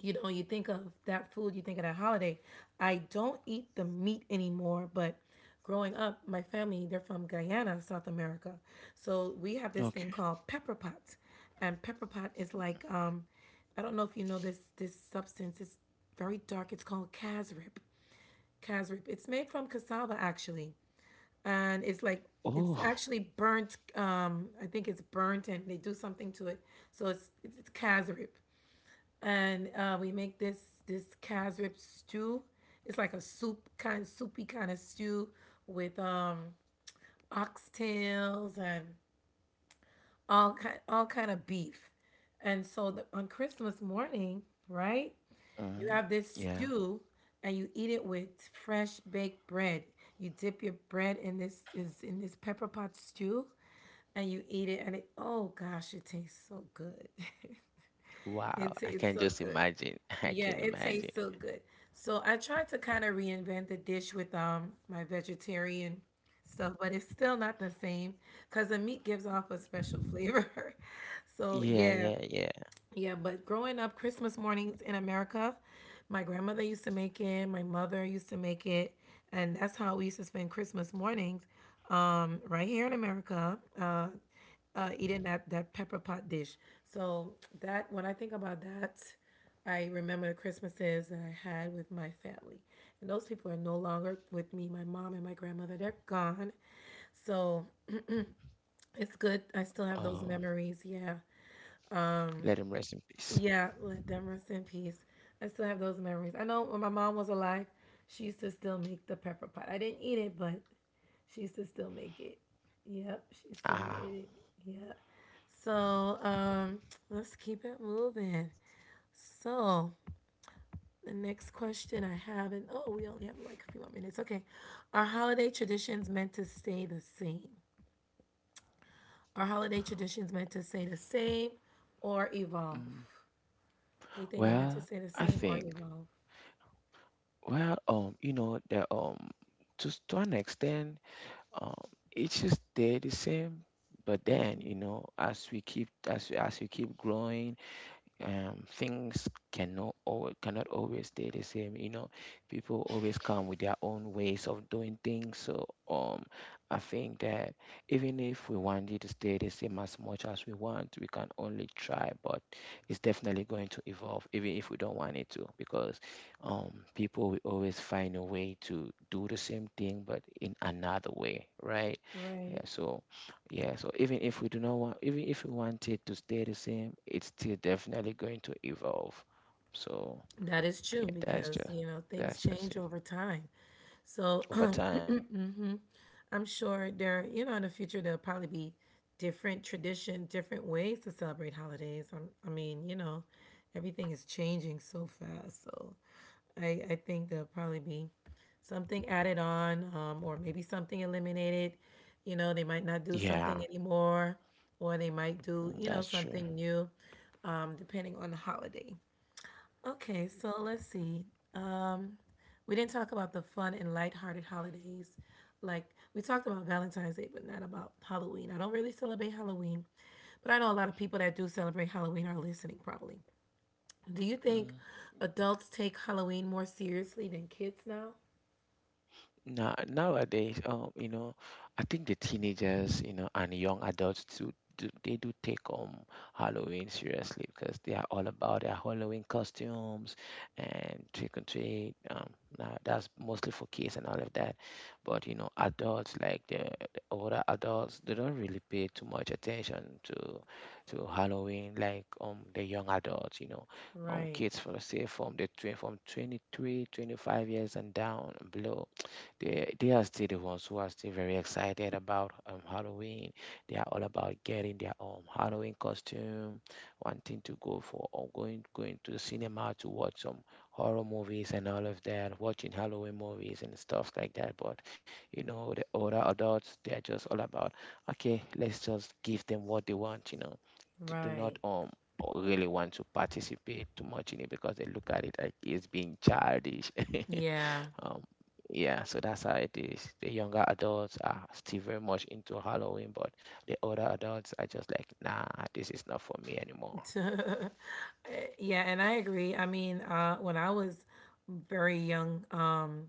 A: you know, you think of that food, you think of that holiday. I don't eat the meat anymore, but growing up, my family, they're from Guyana, South America. So we have this thing
B: Okay.
A: called pepper pot. And pepper pot is like, I don't know if you know this substance. It's very dark. It's called casrip. Casrip. It's made from cassava actually. And it's like it's
B: Oh.
A: actually burnt, I think it's burnt and they do something to it, so it's casrip. And we make this Kaz stew. It's like a soupy kind of stew with oxtails and all kind of beef. And so on Christmas morning, right, you
B: Mm,
A: have this
B: yeah.
A: stew and you eat it with fresh baked bread. You dip your bread in this is in this pepper pot stew and you eat it and it, oh gosh, it tastes so good.
B: Wow.
A: It
B: I
A: tastes
B: can
A: so
B: just
A: good.
B: imagine. I
A: Yeah,
B: can
A: it
B: imagine.
A: tastes so good. So I tried to kind of reinvent the dish with my vegetarian stuff, but it's still not the same because the meat gives off a special flavor. So
B: Yeah,
A: yeah,
B: yeah, yeah.
A: yeah, but growing up, Christmas mornings in America, my grandmother used to make it, my mother used to make it, and that's how we used to spend Christmas mornings right here in America, eating that pepper pot dish. So, that, when I think about that, I remember the Christmases that I had with my family. And those people are no longer with me, my mom and my grandmother, they're gone. So, it's good. I still have those
B: Oh,
A: memories. Yeah.
B: let him rest in peace.
A: Yeah, let them rest in peace. I still have those memories. I know when my mom was alive, she used to still make the pepper pot. I didn't eat it, but she used to still make it. Yep, she still made
B: Ah,
A: it. Yeah. So, um, let's keep it moving. So, the next question I have, and oh, we only have like a few more minutes. Okay. Are holiday traditions meant to stay the same? Are holiday traditions meant to stay the same or evolve?
B: mm,
A: You think they meant to
B: well,
A: stay the
B: I
A: same or
B: think,
A: evolve?
B: well, to an extent, um, it's just stay the same. But then, you know, as we keep growing, things cannot always stay the same. People always come with their own ways of doing things. So I think that even if we want it to stay the same as much as we want, we can only try. But it's definitely going to evolve, even if we don't want it to, because people will always find a way to do the same thing, but in another way, right?
A: Right.
B: Yeah, so yeah, so even if we do not want, even if we want it to stay the same, it's still definitely going to evolve. So
A: That is true
B: yeah, that's
A: because,
B: just
A: you know, things
B: that's just
A: change
B: it.
A: over time. So
B: Over time, yeah,
A: I'm sure there, you know, in the future, there'll probably be different tradition, different ways to celebrate holidays. I mean, you know,
B: yeah,
A: everything is changing so fast. So I think there'll probably be something added on, or maybe something eliminated. You know, they might not do
B: yeah,
A: something anymore or they might
B: mm,
A: do, you
B: that's
A: know,
B: true.
A: something new, depending on the holiday. Okay, so let's see. Um, we didn't talk about the fun and lighthearted holidays. Like we talked about Valentine's Day, but not about Halloween. I don't really celebrate Halloween, but I know a lot of people that do celebrate Halloween are listening probably. Do you
B: Mm.
A: think adults take Halloween more seriously than kids now?
B: Nowadays, I think the teenagers, you know, and young adults too, they do take Halloween seriously because they are all about their Halloween costumes and trick or treat. Now that's mostly for kids and all of that, but adults like the older adults, they don't really pay too much attention to Halloween like the young adults.
A: Right,
B: Kids, for say, from from 23-25 years and down below, they are still the ones who are still very excited about Halloween. They are all about getting their own Halloween costume, wanting to go for or going to the cinema to watch some horror movies and all of that, watching Halloween movies and stuff like that. But the older adults, they are just all about, okay, let's just give them what they want. They do not
A: right.
B: really want to participate too much in it because they look at it like it's being childish.
A: Yeah.
B: Um, yeah, so that's how it is. The younger adults are still very much into Halloween, but the older adults are just like, nah, this is not for me anymore.
A: Yeah, and I agree. I mean, when I was very young,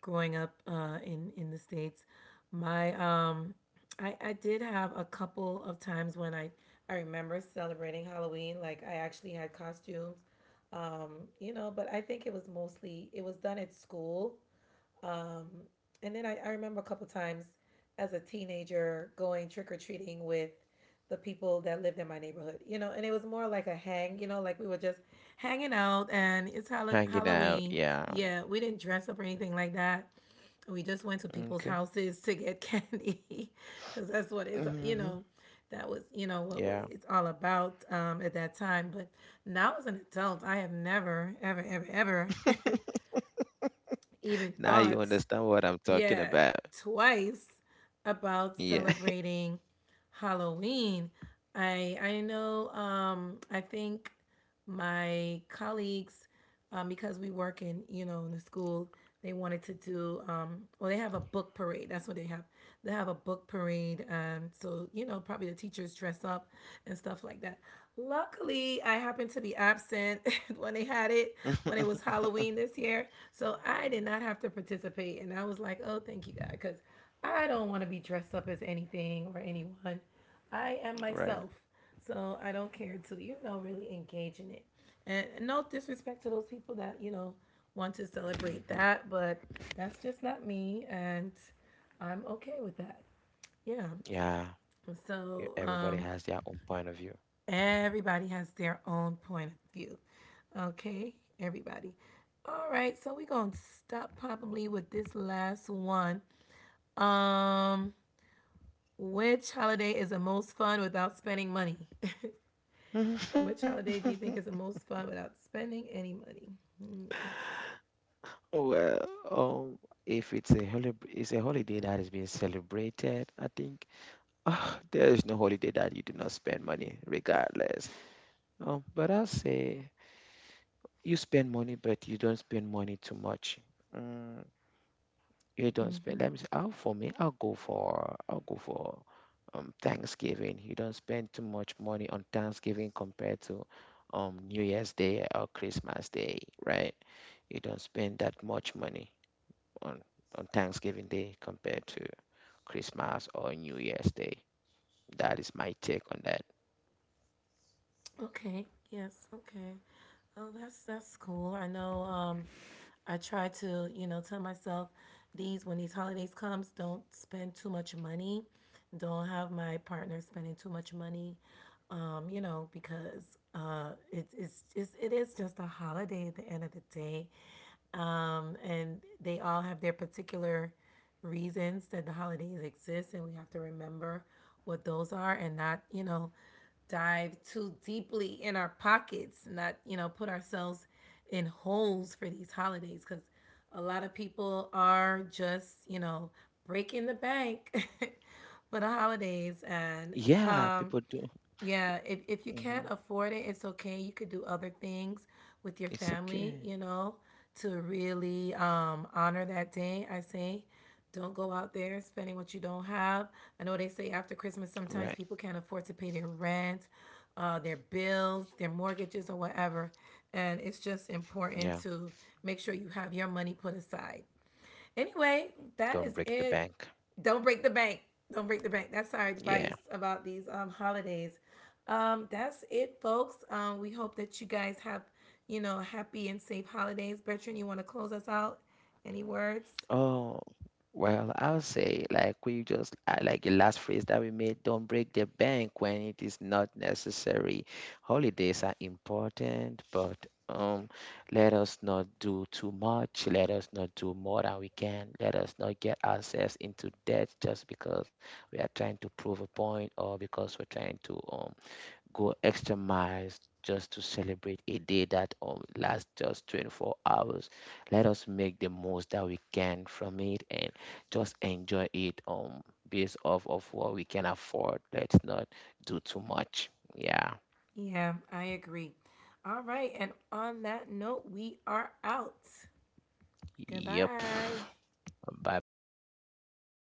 A: growing up in the states, my, I did have a couple of times when I remember celebrating Halloween. Like I actually had costumes, you know. But I think it was mostly, it was done at school, um, and then I remember a couple times as a teenager going trick or treating with the people that lived in my neighborhood, you know, and it was more like a hang, you know, like we were just hanging out and it's
B: Hanging out,
A: Halloween.
B: yeah.
A: Yeah, we didn't dress up or anything like that. We just went to people's
B: Okay.
A: houses to get candy because that's what is, you
B: Hmm.
A: know, that was, you know,
B: Yeah.
A: it's all about, at that time. But now as an adult, I have never, ever, ever, ever even
B: Now you
A: thought,
B: understand what I'm talking
A: yeah,
B: about.
A: twice about
B: Yeah.
A: celebrating Halloween. I know, I think my colleagues, because we work in, you know, in the school, they wanted to do, well they have a book parade. That's what they have. They have a book parade, so, you know, probably the teachers dress up and stuff like that. Luckily, I happened to be absent when they had it, when it was Halloween this year. So I did not have to participate. And I was like, oh, thank you, God, because I don't want to be dressed up as anything or anyone. I am myself.
B: Right.
A: So I don't care to, you know, really engage in it. And no disrespect to those people that, you know, want to celebrate
B: Hmm.
A: that, but that's just not me. And I'm okay with that. Yeah.
B: Yeah.
A: So,
B: Yeah, everybody has their own point of view.
A: everybody has their own point of view. Okay, everybody. All right, so we're going to stop probably with this last one. Um, which holiday is the most fun without spending money? Which holiday do you think is the most fun without spending any money?
B: Well, um, if it's a holiday, it's a holiday that is being celebrated, I think. There is no holiday that you do not spend money, regardless. But I say you spend money, but you don't spend money too much. Mm, you don't
A: Mm-hmm.
B: spend. Let me say, for me, I'll go for Thanksgiving. You don't spend too much money on Thanksgiving compared to New Year's Day or Christmas Day, right? You don't spend that much money on on Thanksgiving Day compared to Christmas or New Year's Day. That is my take on that.
A: Okay. Yes. Okay. Oh, that's cool. I know. I try to, you know, tell myself these, when these holidays comes, don't spend too much money. Don't have my partner spending too much money. You know, because it's it is just a holiday at the end of the day, and they all have their particular reasons that the holidays exist, and we have to remember what those are and not, you know, dive too deeply in our pockets, not, you know, put ourselves in holes for these holidays because a lot of people are just, you know, breaking the bank for the holidays.
B: Yeah,
A: And
B: people do.
A: um. Yeah,
B: Hmm.
A: if you can't afford it, it's okay. You could do other things
B: It's
A: with your
B: okay.
A: family, you know, to really honor that day. I say don't go out there spending what you don't have. I know they say after Christmas
B: Right.
A: sometimes people can't afford to pay their rent, their bills, their mortgages or whatever, and it's just
B: Yeah.
A: important to make sure you have your money put aside. Anyway,
B: Don't
A: that
B: break
A: is
B: the
A: it.
B: bank.
A: Don't break the bank. Don't break the bank. That's our
B: Yeah.
A: advice about these holidays. That's it, folks. We hope that you guys have, you know, happy and safe holidays. Bertrand, you want to close us out? Any words?
B: Oh, well, I'll say like we just I like the last phrase that we made, don't break the bank when it is not necessary. Holidays are important, but let us not do too much. Let us not do more than we can. Let us not get ourselves into debt just because we are trying to prove a point or because we're trying to go extra miles just to celebrate a day that only lasts just 24 hours. Let us make the most that we can from it and just enjoy it based off of what we can afford. Let's not do too much. Yeah.
A: Yeah, I agree. All right. And on that note, we are out.
B: Yep.
A: Goodbye.
B: Bye bye.